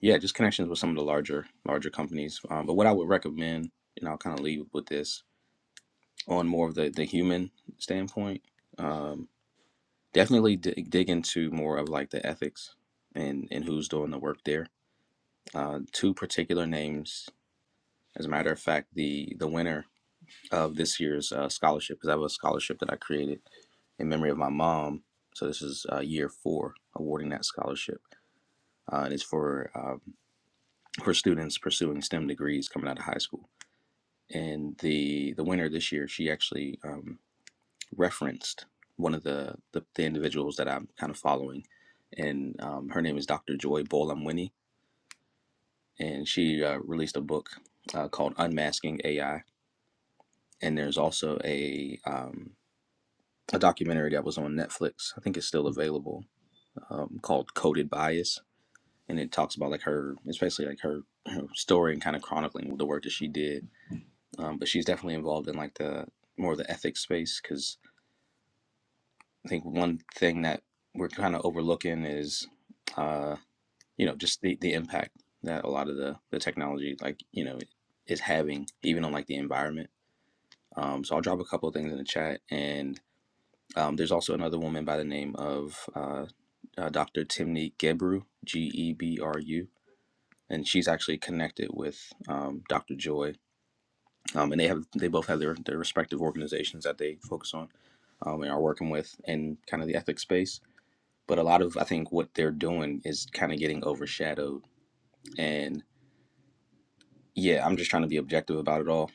Speaker 11: yeah, just connections with some of the larger larger companies. Um, but what I would recommend, and I'll kind of leave with this on more of the the human standpoint. Um, definitely dig, dig into more of like the ethics and and who's doing the work there. Uh, two particular names As a matter of fact, the the winner of this year's uh, scholarship, because I have a scholarship that I created in memory of my mom. So this is uh, year four awarding that scholarship, uh, and it's for um, for students pursuing STEM degrees coming out of high school. And the the winner this year, she actually um, referenced one of the, the the individuals that I'm kind of following, and um, her name is Dr. Joy Bolamwini, and she uh, released a book uh, called Unmasking AI, and there's also a um, a documentary that was on Netflix. I think it's still available, um, called Coded Bias, and it talks about like her, it's basically like her, her story and kind of chronicling the work that she did. Um, but she's definitely involved in like the more of the ethics space because I think one thing that we're kind of overlooking is, uh, you know, just the the impact that a lot of the the technology, like you know, is having even on like the environment. Um, so I'll drop a couple of things in the chat and Um, there's also another woman by the name of uh, uh, Dr. Timney Gebru, G E B R U, and she's actually connected with um, Dr. Joy, um, and they have they both have their, their respective organizations that they focus on um, and are working with in kind of the ethics space. But a lot of I think what they're doing is kind of getting overshadowed, and yeah, I'm just trying to be objective about it all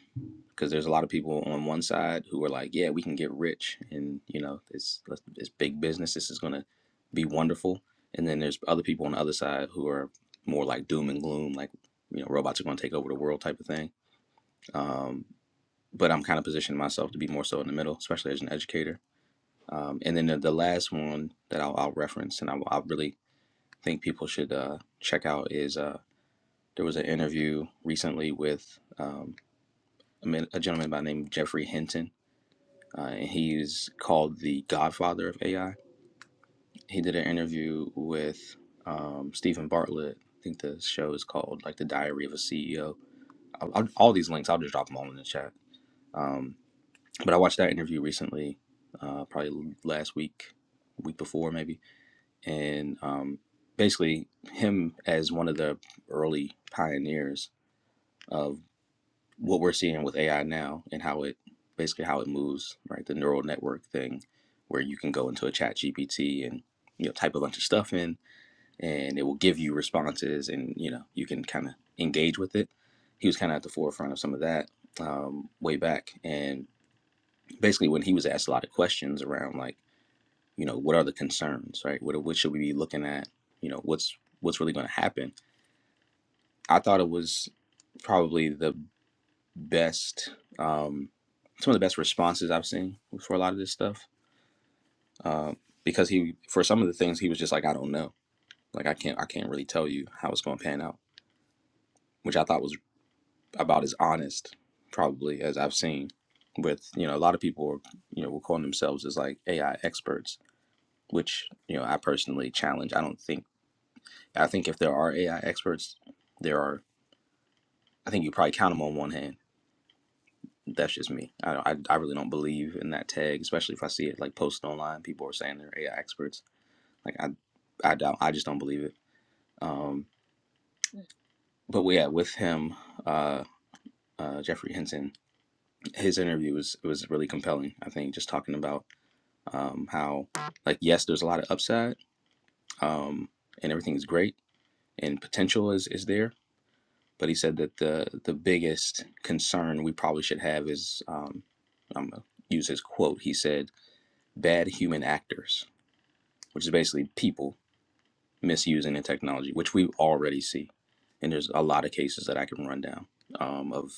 Speaker 11: because there's a lot of people on one side who are like, yeah, we can get rich, and you know, it's uh, it's big business. This is gonna be wonderful. And then there's other people on the other side who are more like doom and gloom, like you know, robots are gonna take over the world type of thing. Um, but I'm kind of positioning myself to be more so in the middle, especially as an educator. Um, and then the, the last one that I'll, I'll reference and I, I really think people should uh, check out is uh, there was an interview recently with um, a man- a gentleman by the name of Jeffrey Hinton Uh, he's called the godfather of AI. He did an interview with um, Stephen Bartlett. I think the show is called like the Diary of a CEO. will I'll, I'll, all these links, I'll just drop them all in the chat. Um, but I watched that interview recently, uh, probably last week, week before maybe, and um, basically him as one of the early pioneers of. what we're seeing with AI now and how it basically how it moves, right? The neural network thing where you can go into a chat GPT and you know type a bunch of stuff in and it will give you responses and you know you can kind of engage with it. He was kind of at the forefront of some of that um, way back and basically when he was asked a lot of questions around like you know what are the concerns right what, what should we be looking at you know what's what's really going to happen i thought it was probably the best um, some of the best responses I've seen for a lot of this stuff. Uh, because he for some of the things he was just like, I don't know. Like I can't I can't really tell you how it's gonna pan out. Which I thought was about as honest probably as I've seen with, you know, a lot of people are, you know, will call themselves as like AI experts, which, you know, I personally challenge. I don't think I think if there are AI experts, there are I think you probably count them on one hand That's just me. I, I I really don't believe in that tag, especially if I see it like posted online. People are saying they're AI experts. Like I I don't I just don't believe it. Um, but yeah, with him, uh, uh, Jeffrey Henson, his interview was was really compelling. I think just talking about um, how like yes, there's a lot of upside, um, and everything is great and potential is is there. But he said that the the biggest concern we probably should have is um, I'm gonna use his quote. He said, "Bad human actors." which is basically people misusing the technology, which we already see. And there's a lot of cases that I can run down um, of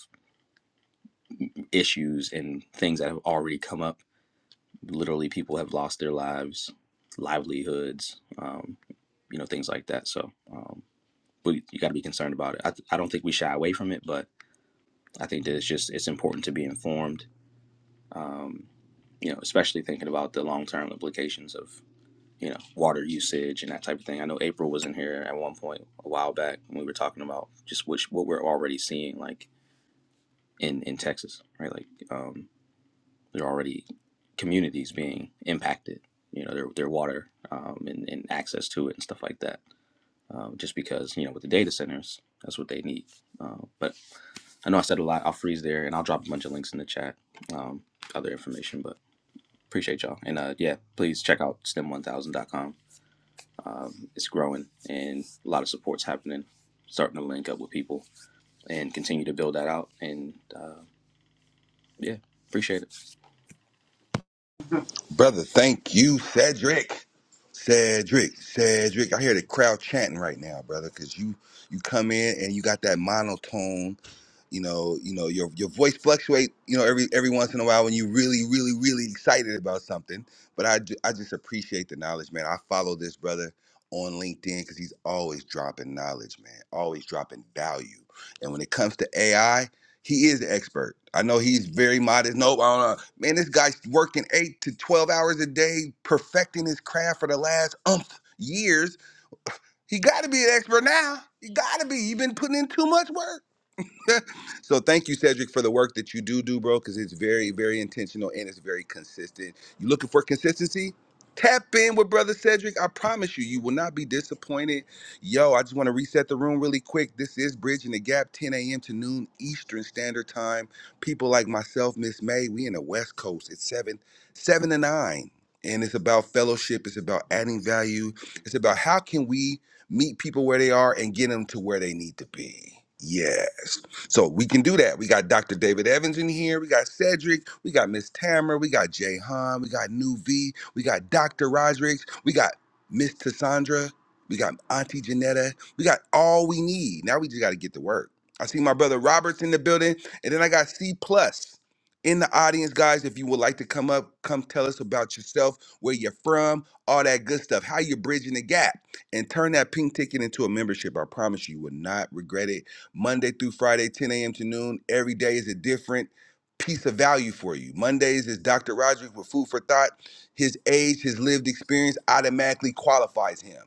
Speaker 11: issues and things that have already come up. Literally, people have lost their lives, livelihoods, um, you know, things like that. So, um, but you got to be concerned about it. I, I don't think we shy away from it, but I think that it's just it's important to be informed. Um, you know, especially thinking about the long term implications of you know, water usage and that type of thing. I know April was in here at one point a while back when we were talking about just which what we're already seeing like in in Texas, right? Like um, there are already communities being impacted, you know, their their water um, and, and access to it and stuff like that. Um, just because you know with the data centers, that's what they need. Uh, but I know I said a lot. I'll freeze there and I'll drop a bunch of links in the chat, um, other information. But appreciate y'all and uh, yeah, please check out stem1000.com Um, it's growing and a lot of support's happening, starting to link up with people and continue to build that out. And uh, yeah, appreciate it.
Speaker 3: brother. Thank you, Cedric. Cedric, Cedric, I hear the crowd chanting right now, brother, because you you come in and you got that monotone you know you know your your voice fluctuate you know every every once in a while when you really really really excited about something but i ju- i just appreciate the knowledge man i follow this brother on linkedin because he's always dropping knowledge man always dropping value and when it comes to ai he is the expert i know he's very modest nope i don't know man this guy's working eight to 12 hours a day perfecting his craft for the last umph years he got to be an expert now he got to be he been putting in too much work so thank you, Cedric, for the work that you do do, bro, because it's very, very intentional and it's very consistent. You looking for consistency? Tap in with brother Cedric. I promise you, you will not be disappointed. Yo, I just want to reset the room really quick. This is Bridging the Gap, 10 a.m. to noon Eastern Standard Time. People like myself, Miss May, we in the West Coast. It's seven, seven to nine. And it's about fellowship. It's about adding value. It's about how can we meet people where they are and get them to where they need to be. Yes. So we can do that. We got Dr. David Evans in here. We got Cedric. We got Miss Tamara. We got Jay Han. We got New V. We got Dr. Roderick. We got Miss Tassandra. We got Auntie Janetta. We got all we need. Now we just got to get to work. I see my brother Roberts in the building, and then I got C plus in the audience, guys. If you would like to come up, come tell us about yourself, where you're from, all that good stuff, how you're bridging the gap, and turn that pink ticket into a membership. I promise you, you will not regret it Monday through Friday, 10 a.m. to noon. Every day is a different piece of value for you. Mondays is Dr. Rogers with Food for Thought. His age, his lived experience automatically qualifies him.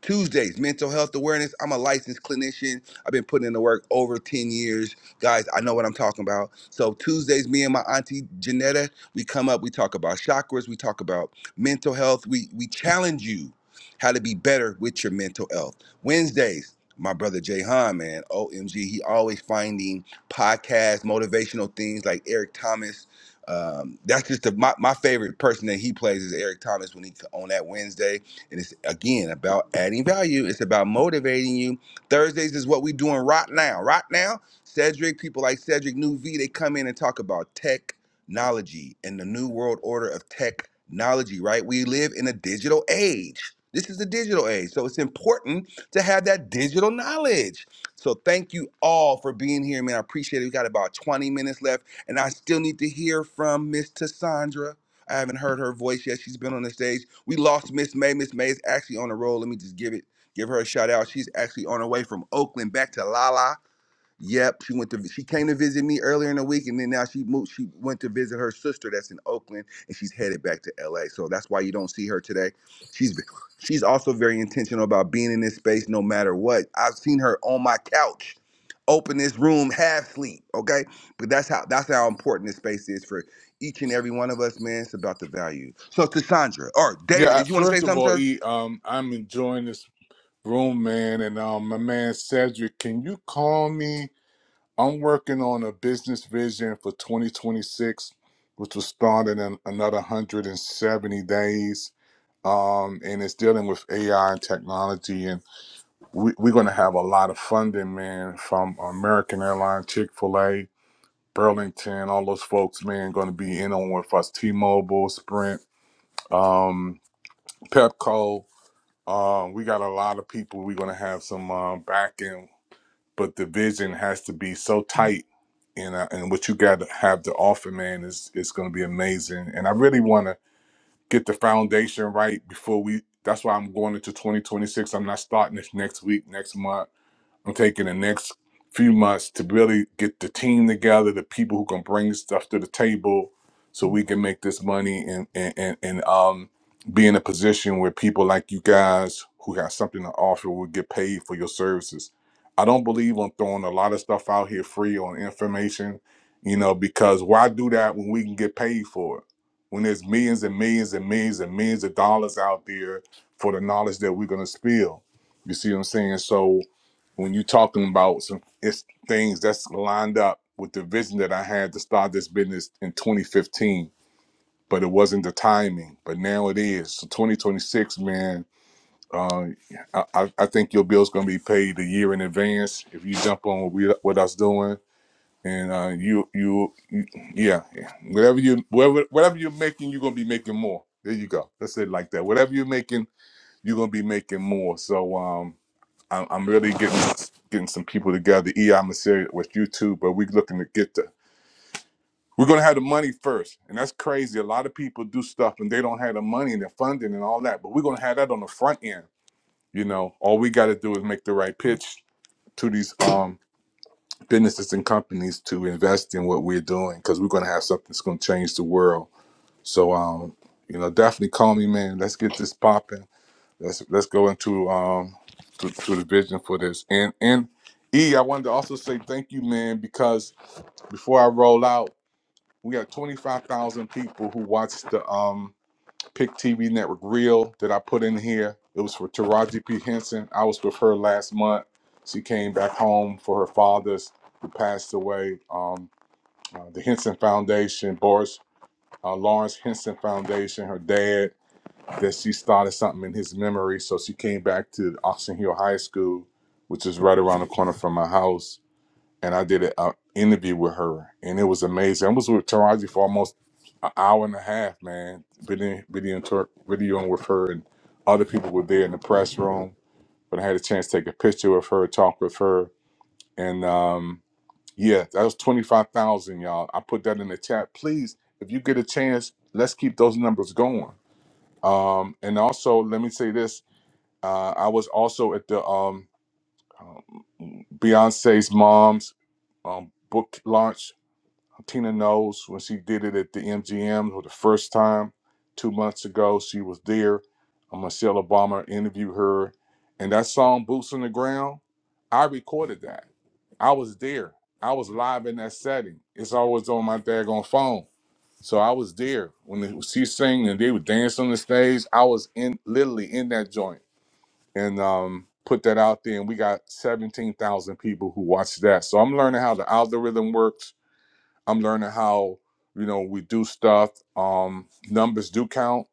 Speaker 3: Tuesdays, mental health awareness. I'm a licensed clinician. I've been putting in the work over 10 years. Guys, I know what I'm talking about. So, Tuesdays, me and my auntie Janetta, we come up, we talk about chakras, we talk about mental health. We, we challenge you how to be better with your mental health. Wednesdays, my brother Jay Han, man, OMG, he always finding podcasts, motivational things like Eric Thomas. Um, that's just the, my, my favorite person that he plays is Eric Thomas when he on that Wednesday. And it's again about adding value. It's about motivating you. Thursdays is what we're doing right now. Right now, Cedric, people like Cedric New V, they come in and talk about technology and the new world order of technology, right? We live in a digital age. This is the digital age. So it's important to have that digital knowledge. So thank you all for being here, man. I appreciate it. We got about 20 minutes left, and I still need to hear from Miss Cassandra. I haven't heard her voice yet. She's been on the stage. We lost Miss May. Miss May is actually on the roll. Let me just give it, give her a shout out. She's actually on her way from Oakland back to Lala. Yep, she went to she came to visit me earlier in the week, and then now she moved. She went to visit her sister that's in Oakland, and she's headed back to LA. So that's why you don't see her today. She's been- she's also very intentional about being in this space no matter what. I've seen her on my couch, open this room half sleep. Okay, but that's how that's how important this space is for each and every one of us, man. It's about the value. So Cassandra or
Speaker 9: Yeah,
Speaker 3: David,
Speaker 9: uh,
Speaker 3: did you want to say
Speaker 9: first of
Speaker 3: something,
Speaker 9: all,
Speaker 3: sir?
Speaker 9: E, um, I'm enjoying this room, man. And um, my man Cedric, can you call me? I'm working on a business vision for 2026, which was started in another 170 days. Um, and it's dealing with AI and technology. And we, we're going to have a lot of funding, man, from American Airlines, Chick fil A, Burlington, all those folks, man, going to be in on with us T Mobile, Sprint, um, Pepco. Um, we got a lot of people. We're going to have some uh, backing but the vision has to be so tight and uh, and what you got to have to offer man is is going to be amazing and i really want to get the foundation right before we that's why i'm going into 2026 i'm not starting this next week next month I'm taking the next few months to really get the team together, the people who can bring stuff to the table, so we can make this money and and and, and um be in a position where people like you guys who got something to offer will get paid for your services. I don't believe on throwing a lot of stuff out here free on information, you know, because why do that when we can get paid for it? When there's millions and millions and millions and millions of dollars out there for the knowledge that we're gonna spill. You see what I'm saying? So when you're talking about some it's things that's lined up with the vision that I had to start this business in 2015, but it wasn't the timing. But now it is. So 2026, man, uh, I, I I think your bill's gonna be paid a year in advance if you jump on what we what us doing. And uh, you, you, you, yeah, yeah. whatever you, whatever, whatever you're making, you're gonna be making more. There you go. Let's say it like that. Whatever you're making, you're gonna be making more. So, um, I'm, I'm really getting getting some people together. EI Masseria with you too, but we're looking to get the we're gonna have the money first, and that's crazy. A lot of people do stuff and they don't have the money and the funding and all that, but we're gonna have that on the front end. You know, all we got to do is make the right pitch to these um businesses and companies to invest in what we're doing because we're gonna have something that's gonna change the world. So um, you know, definitely call me, man. Let's get this popping let's let's go into um to, to the vision for this and and e i wanted to also say thank you man because before i roll out we got 25000 people who watched the um pick tv network reel that i put in here it was for taraji p henson i was with her last month she came back home for her father's who passed away um uh, the henson foundation boris uh, lawrence henson foundation her dad that she started something in his memory. So she came back to Oxon Hill High School, which is right around the corner from my house. And I did an interview with her, and it was amazing. I was with Taraji for almost an hour and a half, man. videoing video, videoing with her, and other people were there in the press room. But I had a chance to take a picture with her, talk with her, and um, yeah, that was twenty five thousand, y'all. I put that in the chat. Please, if you get a chance, let's keep those numbers going um, and also, let me say this: uh, I was also at the um, um, Beyonce's mom's um, book launch. Tina knows when she did it at the MGM for the first time two months ago. She was there. Uh, Michelle Obama interviewed her, and that song "Boots on the Ground." I recorded that. I was there. I was live in that setting. It's always on my daggone phone. So I was there when she sang and they were dancing on the stage. I was in literally in that joint and um, put that out there, and we got seventeen thousand people who watched that. So I'm learning how the algorithm works. I'm learning how you know we do stuff. Um, numbers do count.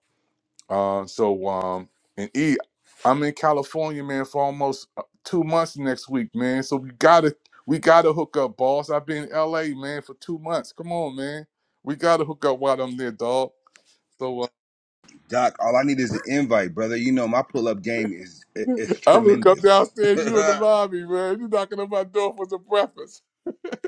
Speaker 9: Uh, so um, and E, I'm in California, man, for almost uh, two months next week, man. So we gotta we gotta hook up, boss. I've been in LA, man, for two months. Come on, man. We gotta hook up while I'm there, dog. So uh,
Speaker 3: Doc, all I need is the invite, brother. You know my pull up game is is
Speaker 9: I'm gonna come
Speaker 3: tremendous.
Speaker 9: downstairs. You in the
Speaker 3: *laughs*
Speaker 9: lobby, man. You knocking on my door for some breakfast. *laughs*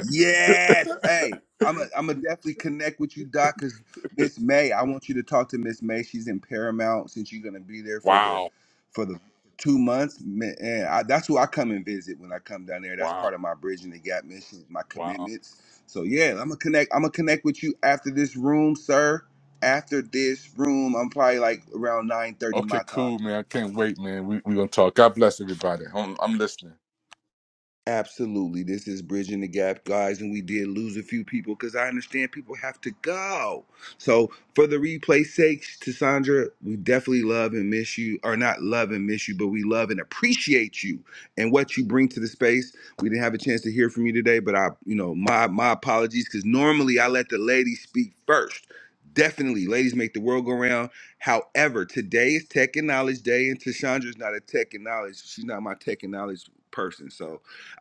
Speaker 3: Yes. Hey, I'm a, I'm gonna definitely connect with you, Doc. Cause Miss May, I want you to talk to Miss May. She's in Paramount since you're gonna be there for the
Speaker 9: wow,
Speaker 3: for the two months. Man, and I, that's who I come and visit when I come down there. That's
Speaker 9: wow,
Speaker 3: part of my bridging the gap mission, my
Speaker 9: wow.
Speaker 3: commitments. So yeah, I'm gonna connect. I'm gonna connect with you after this room, sir. After this room, I'm probably like around 9:30
Speaker 9: Okay,
Speaker 3: my time.
Speaker 9: cool, man. I can't wait, man. We we gonna talk. God bless everybody. I'm, I'm listening.
Speaker 3: Absolutely. This is Bridging the Gap, guys, and we did lose a few people because I understand people have to go. So, for the replay sakes, Cassandra, we definitely love and miss you, or not love and miss you, but we love and appreciate you and what you bring to the space. We didn't have a chance to hear from you today, but I, you know, my my apologies because normally I let the ladies speak first. Definitely, ladies make the world go round. However, today is Tech and Knowledge Day, and Tashandra's not a Tech and Knowledge. She's not my Tech and Knowledge person. So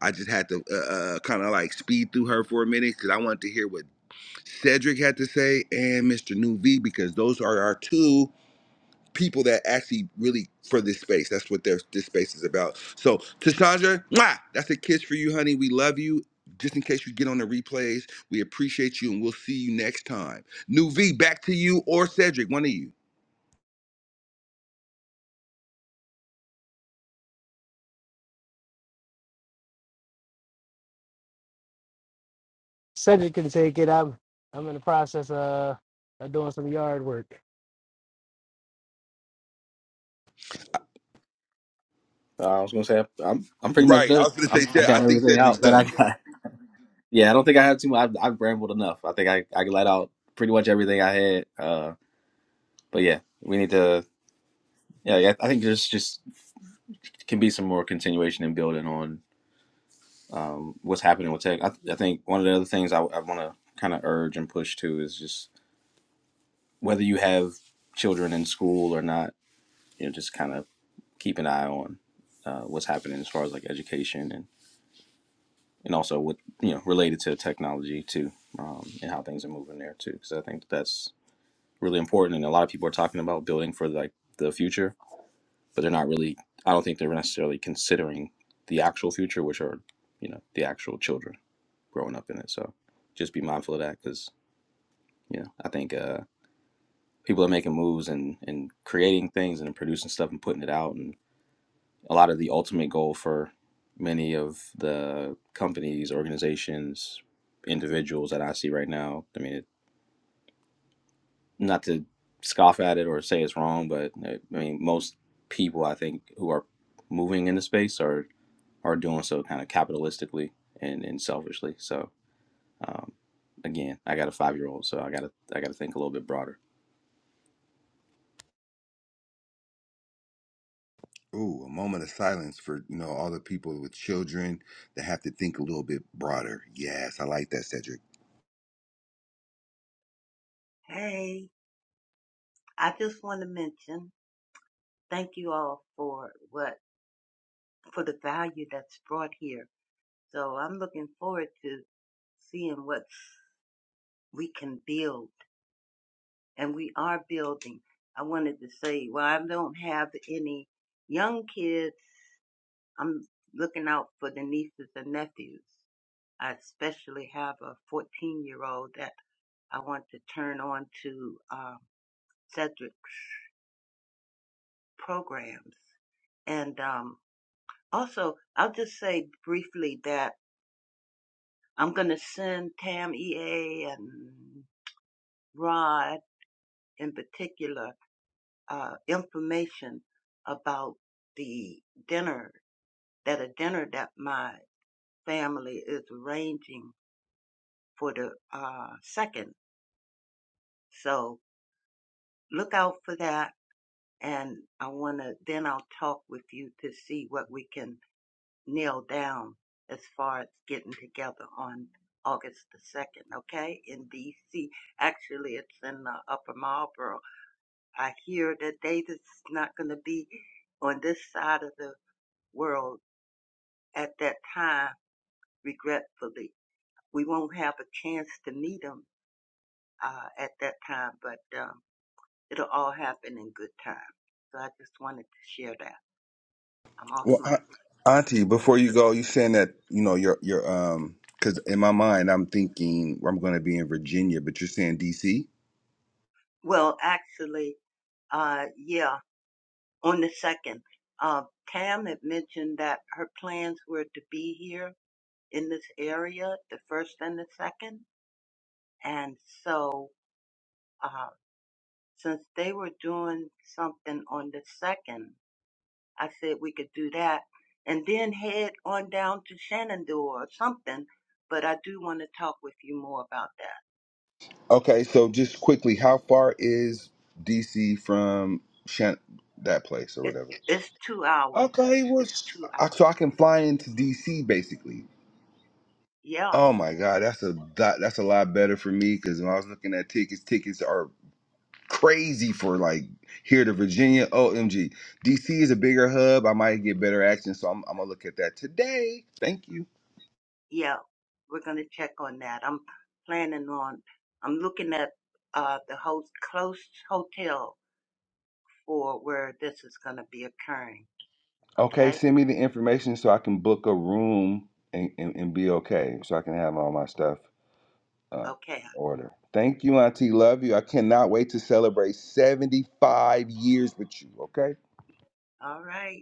Speaker 3: I just had to uh, uh, kind of like speed through her for a minute because I wanted to hear what Cedric had to say and Mr. New V because those are our two people that actually really for this space. That's what their this space is about. So Tashandra, mwah, that's a kiss for you, honey. We love you. Just in case you get on the replays, we appreciate you and we'll see you next time. New V, back to you or Cedric, one of you.
Speaker 8: *laughs* Cedric can take it. I'm I'm in the process of, of doing some yard work.
Speaker 11: Uh, I was gonna say I'm I'm pretty much
Speaker 3: Right. I
Speaker 11: done.
Speaker 3: was gonna say
Speaker 11: I'm, I
Speaker 3: Ced-
Speaker 11: got
Speaker 3: I think
Speaker 11: everything
Speaker 3: Cedric's
Speaker 11: out that I
Speaker 3: done.
Speaker 11: got. *laughs* Yeah, I don't think I have too much. I've, I've rambled enough. I think I, I let out pretty much everything I had. Uh, but yeah, we need to. Yeah, yeah, I think there's just can be some more continuation and building on um, what's happening with tech. I, I think one of the other things I, I want to kind of urge and push to is just whether you have children in school or not, you know, just kind of keep an eye on uh, what's happening as far as like education and and also what you know related to technology too, um, and how things are moving there too. Because I think that's really important, and a lot of people are talking about building for like the future, but they're not really. I don't think they're necessarily considering the actual future, which are you know the actual children growing up in it. So just be mindful of that because you know I think. Uh, people are making moves and and creating things and producing stuff and putting it out and a lot of the ultimate goal for many of the companies organizations individuals that i see right now i mean it, not to scoff at it or say it's wrong but uh, i mean most people i think who are moving in the space are are doing so kind of capitalistically and and selfishly so um again i got a five year old so i gotta i gotta think a little bit broader
Speaker 3: Ooh, a moment of silence for you know all the people with children that have to think a little bit broader. Yes, I like that, Cedric.
Speaker 2: Hey, I just want to mention thank you all for what for the value that's brought here. So I'm looking forward to seeing what we can build, and we are building. I wanted to say, well, I don't have any young kids I'm looking out for the nieces and nephews. I especially have a 14 year old that I want to turn on to um, Cedric's programs. And um, also, I'll just say briefly that I'm going to send Tam EA and Rod in particular uh, information about the dinner, that a dinner that my family is arranging for the uh, second. So look out for that. And I want to, then I'll talk with you to see what we can nail down as far as getting together on August the 2nd, okay? In DC. Actually, it's in the Upper Marlboro. I hear that they just not going to be on this side of the world at that time, regretfully. We won't have a chance to meet them uh, at that time, but. uh, it'll all happen in good time. So I just wanted to share that. I'm off
Speaker 3: Well,
Speaker 2: mic.
Speaker 3: Au- Auntie, before you go, you saying that you know your your um because in my mind I'm thinking I'm going to be in Virginia, but you're saying DC.
Speaker 2: Well, actually, uh, yeah, on the second, uh, Tam had mentioned that her plans were to be here in this area, the first and the second. And so, uh, since they were doing something on the second, I said we could do that and then head on down to Shenandoah or something. But I do want to talk with you more about that.
Speaker 3: Okay, so just quickly, how far is DC from Shan- that place or
Speaker 2: It,
Speaker 3: whatever?
Speaker 2: it's two hours.
Speaker 3: Okay, well,
Speaker 2: It's
Speaker 3: s-
Speaker 2: two
Speaker 3: I- so
Speaker 2: hours.
Speaker 3: I can fly into DC basically.
Speaker 2: Yeah,
Speaker 3: Oh my God, that's a that, that's a lot better for me because when I was looking at tickets, tickets are crazy for like here to Virginia. OMG, DC is a bigger hub. I might get better action, so I'm, I'm gonna look at that today. Thank you.
Speaker 2: yeah. We're going to check on that. I'm planning on, I'm looking at uh, the host, close hotel for where this is going to be occurring.
Speaker 3: Okay,
Speaker 2: Okay?
Speaker 3: send me the information so I can book a room and, and, and be okay, so I can have all my stuff uh,
Speaker 2: Okay.
Speaker 3: in order. Thank you, Auntie. Love you. I cannot wait to celebrate 75 years with you. Okay.
Speaker 2: All right.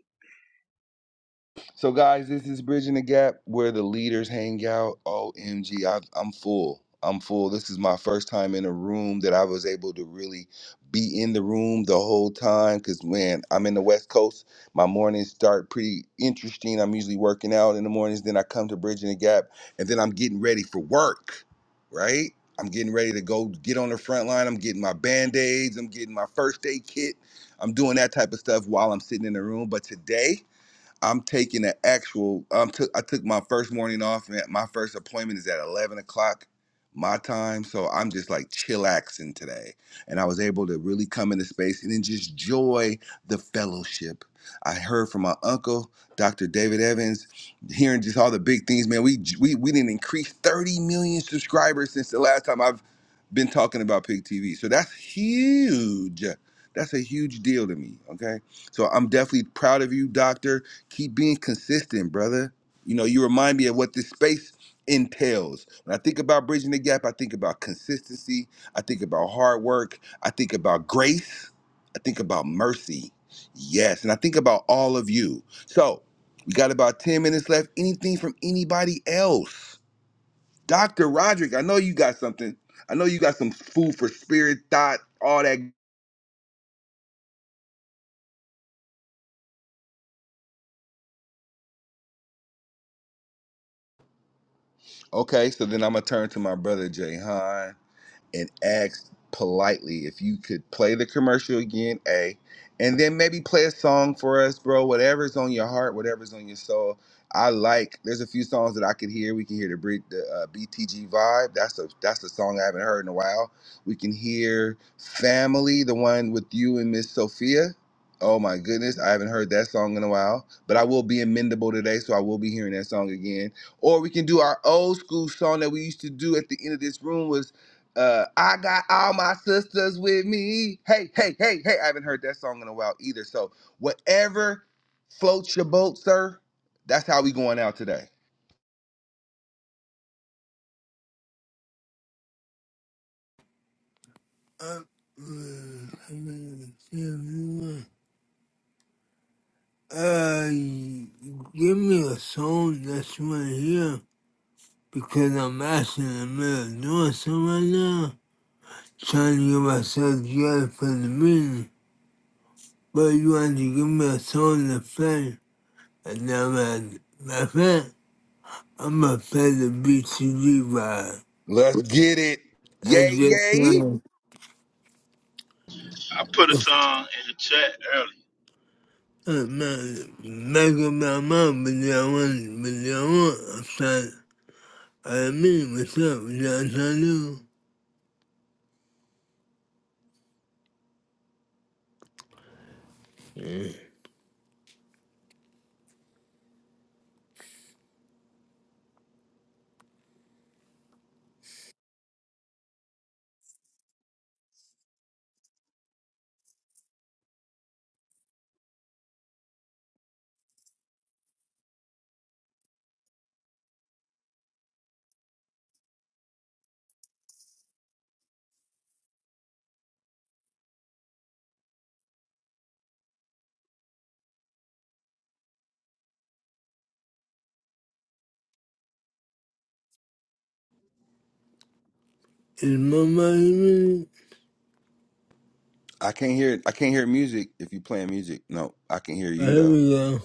Speaker 3: So, guys, this is Bridging the Gap where the leaders hang out. OMG, I, I'm full. I'm full. This is my first time in a room that I was able to really be in the room the whole time because, man, I'm in the West Coast. My mornings start pretty interesting. I'm usually working out in the mornings. Then I come to Bridging the Gap and then I'm getting ready for work, right? I'm getting ready to go get on the front line. I'm getting my band aids. I'm getting my first aid kit. I'm doing that type of stuff while I'm sitting in the room. But today, I'm taking an actual. I'm took. I took my first morning off, and my first appointment is at eleven o'clock my time. So I'm just like chillaxing today, and I was able to really come into space and then just joy the fellowship. I heard from my uncle, Dr. David Evans, hearing just all the big things. Man, we we we didn't increase thirty million subscribers since the last time I've been talking about Pig TV. So that's huge. That's a huge deal to me. Okay, so I'm definitely proud of you, Doctor keep being consistent, brother. You know, you remind me of what this space entails. When I think about bridging the gap, I think about consistency, I think about hard work, I think about grace, I think about mercy. Yes, and I think about all of you. So, we got about 10 minutes left. Anything from anybody else? Dr. Roderick, I know you got something. I know you got some food for spirit, thought, all that. Okay, so then I'm gonna turn to my brother Jay and ask politely if you could play the commercial again, A, and then maybe play a song for us, bro. Whatever's on your heart, whatever's on your soul. I like. There's a few songs that I could hear. We can hear the, Brit- the uh, BTG vibe. That's a that's a song I haven't heard in a while. We can hear Family, the one with you and Miss Sophia. Oh my goodness, I haven't heard that song in a while. But I will be amendable today, so I will be hearing that song again. Or we can do our old school song that we used to do at the end of this room. was. Uh, I got all my sisters with me. Hey, hey, hey, hey. I haven't heard that song in a while either. So whatever floats your boat, sir, that's how we going out today.
Speaker 1: Uh, give me a song that's right here because I'm actually in the middle of doing something right now, trying to get myself together for the meeting. But you want to give me a song to play, and now man, my friend, I'm gonna play the BCG vibe.
Speaker 3: Let's get it.
Speaker 1: And
Speaker 3: Yay,
Speaker 1: just
Speaker 3: yay.
Speaker 1: play.
Speaker 4: I put a song in the chat
Speaker 1: Back of my mouth, but I want, but I want upside. I mean, what's up? That's I do. Is my body really?
Speaker 3: I can't hear I can't hear music if you playing music. No, I can hear
Speaker 1: Oh,
Speaker 3: you
Speaker 1: here
Speaker 3: though.
Speaker 1: we go.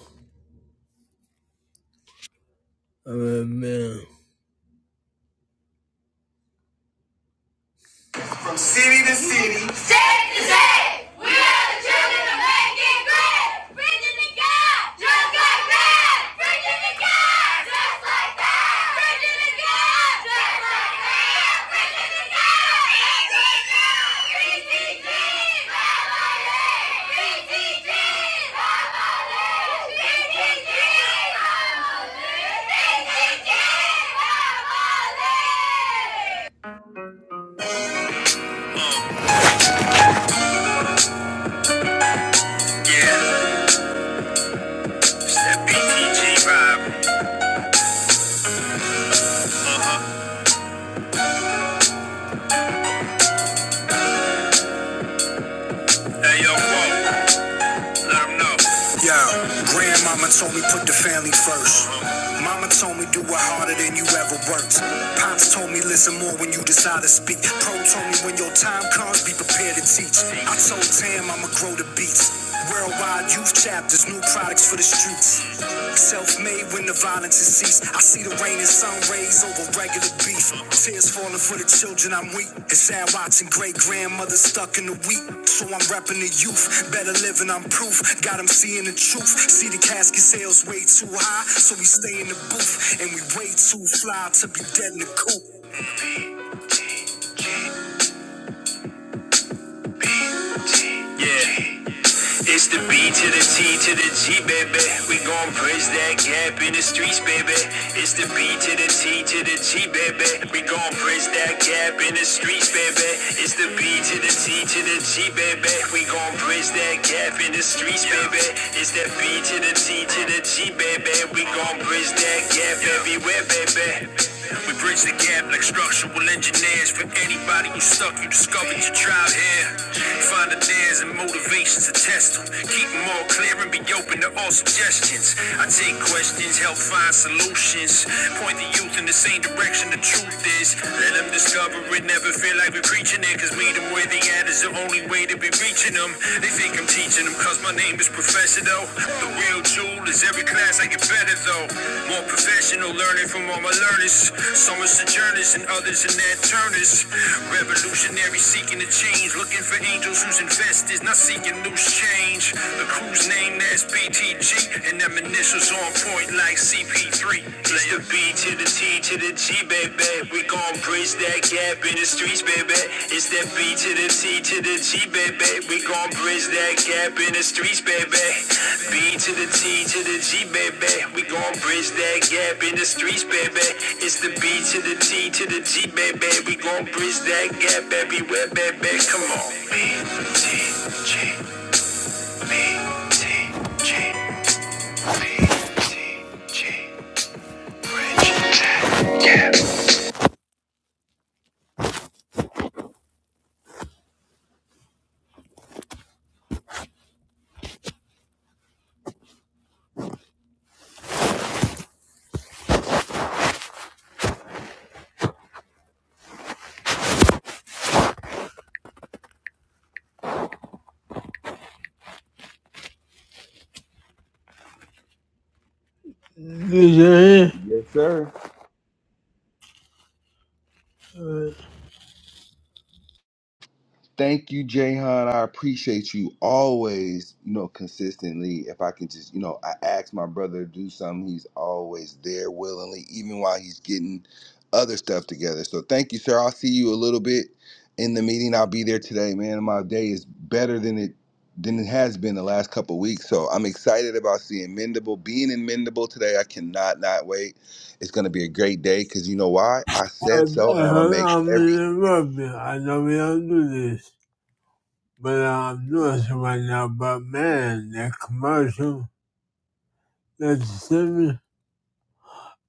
Speaker 1: I'm a man. From city to city. State to state, we are the children of making great. Virginia God, just like that. Virginia God, just like that. Virginia God, just like that. Virginia God, BTG, BTG, BTG, BTG, BTG, BTG. BTG vibe. No. Yo, grandmama told me put the family first. Mama told me do it harder than you ever worked. Pops told me listen more when you decide to speak. Pro told me when your time comes, be prepared to teach. I told Tam I'ma grow the beats. Worldwide youth chapters, new products for the streets. Self-made when the violence has ceased. I see the rain and sun rays over regular beef. Tears falling for the children, I'm weak. It's sad watching great grandmother stuck in the wheat. So I'm repping the youth. Better living, I'm proof. Got 'em seeing the truth. See the casket sales way too high. So we stay in the booth. And we way too fly to be dead in the coop. Yeah. It's the B to the T to the G, baby. We gon' bridge that gap in the streets, baby. It's the B to the T to the G, baby. We gon' bridge that gap in the streets, baby. It's the B to the T to the G, baby. We gon' bridge that gap in the streets, baby. It's that B to the C to the G, baby. We gon' bridge that gap everywhere, baby. We bridge the gap like structural engineers. For anybody who stuck, you discovered your tribe here. Find the dares and motivations to test them. Keep them all clear and be open to all suggestions. I take questions, help find solutions. Point the youth in the same direction the truth is. Let them discover it. Never feel like we're preaching it. Cause meet them where they at is the only way to be reaching them. They think think I'm teaching them cause my name is Professor though. The real jewel is every class I get better though. More professional learning from all my learners. Some are sojourners and others in their turners. Revolutionary seeking to change. Looking for angels whose investors, not seeking loose change. The crew's name that's BTG and them initials on point like CP3. Play B to the T B to the G, baby. We gon' bridge that gap in the streets, baby. It's that B to the T to the G, baby. We gon' bridge that gap in the streets, baby. B to the T to the G, baby. We gon' bridge that gap in the streets, baby. It's the B to the T to the G, baby. We gon' bridge that gap everywhere, baby. Come on. B, T, G, B, T, G.
Speaker 3: Yes, sir. Thank you, Jayhan. I appreciate you always, you know, consistently. If I can just, you know, I ask my brother to do something, he's always there willingly, even while he's getting other stuff together. So thank you, sir. I'll see you a little bit in the meeting. I'll be there today, man. My day is better than it than it has been the last couple weeks. So I'm excited about seeing Mendable, being in Mendable today. I cannot not wait. It's gonna be a great day because you know why? I
Speaker 1: I,
Speaker 3: said so, and
Speaker 1: I
Speaker 3: I'm gonna
Speaker 1: heard
Speaker 3: make
Speaker 1: I'm
Speaker 3: every
Speaker 1: in rugby. I know we don't do this, but I'm doing it right now. But man, that commercial, that statement,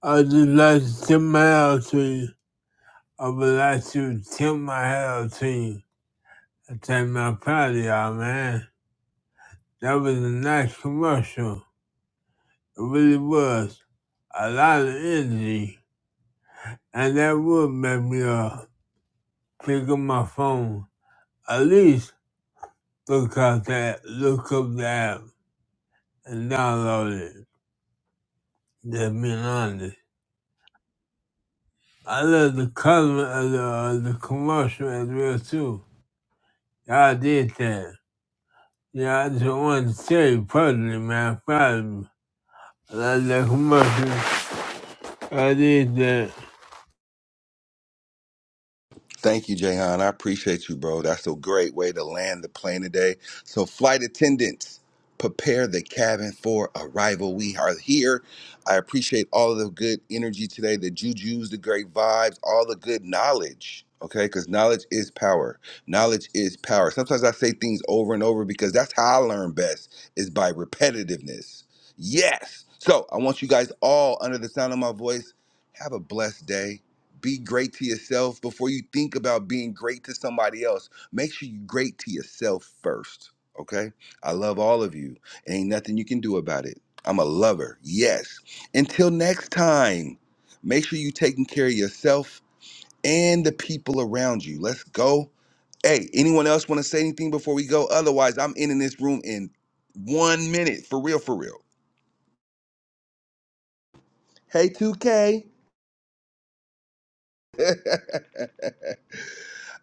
Speaker 1: I just like to tip my hat out to you. I would like to tip my hat out to you. I take my pride of y'all, man. That was a nice commercial. It really was. A lot of energy. And that would make me uh, pick up my phone. At least look out that, look up that. and downloaded it. To be honest, I love the color of the, uh, the commercial as well too. Y'all did that. Yeah, I just wanted to tell you personally, man. Proud of you. I love that commercial. I did that.
Speaker 3: Thank you, Jahan. I appreciate you, bro. That's a great way to land the plane today. So, flight attendants, prepare the cabin for arrival. We are here. I appreciate all of the good energy today, the jujus, the great vibes, all the good knowledge. Okay, because knowledge is power. Knowledge is power. Sometimes I say things over and over because that's how I learn best is by repetitiveness. Yes. So I want you guys all under the sound of my voice. Have a blessed day be great to yourself before you think about being great to somebody else. Make sure you are great to yourself first. Okay? I love all of you. Ain't nothing you can do about it. I'm a lover. Yes. Until next time, make sure you taking care of yourself and the people around you. Let's go. Hey, anyone else want to say anything before we go? Otherwise, I'm ending this room in one minute. For real, for real. Hey, 2K. *laughs*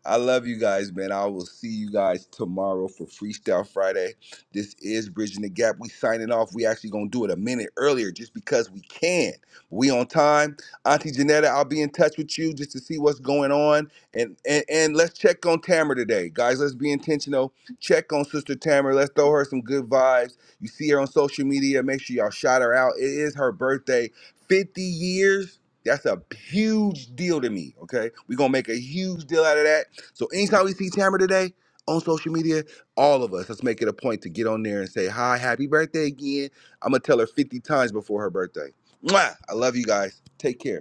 Speaker 3: I love you guys, man. I will see you guys tomorrow for Freestyle Friday. This is Bridging the Gap. We signing off. We actually gonna do it a minute earlier just because we can. We on time. Auntie Janetta, I'll be in touch with you just to see what's going on. And and, and let's check on Tamara today. Guys, let's be intentional. Check on Sister Tamara. Let's throw her some good vibes. You see her on social media. Make sure y'all shout her out. It is her birthday. 50 years. That's a huge deal to me. Okay. We're gonna make a huge deal out of that. So anytime we see Tamara today on social media, all of us, let's make it a point to get on there and say, hi, happy birthday again. I'm going to tell her 50 times before her birthday. Mwah! I love you guys. Take care.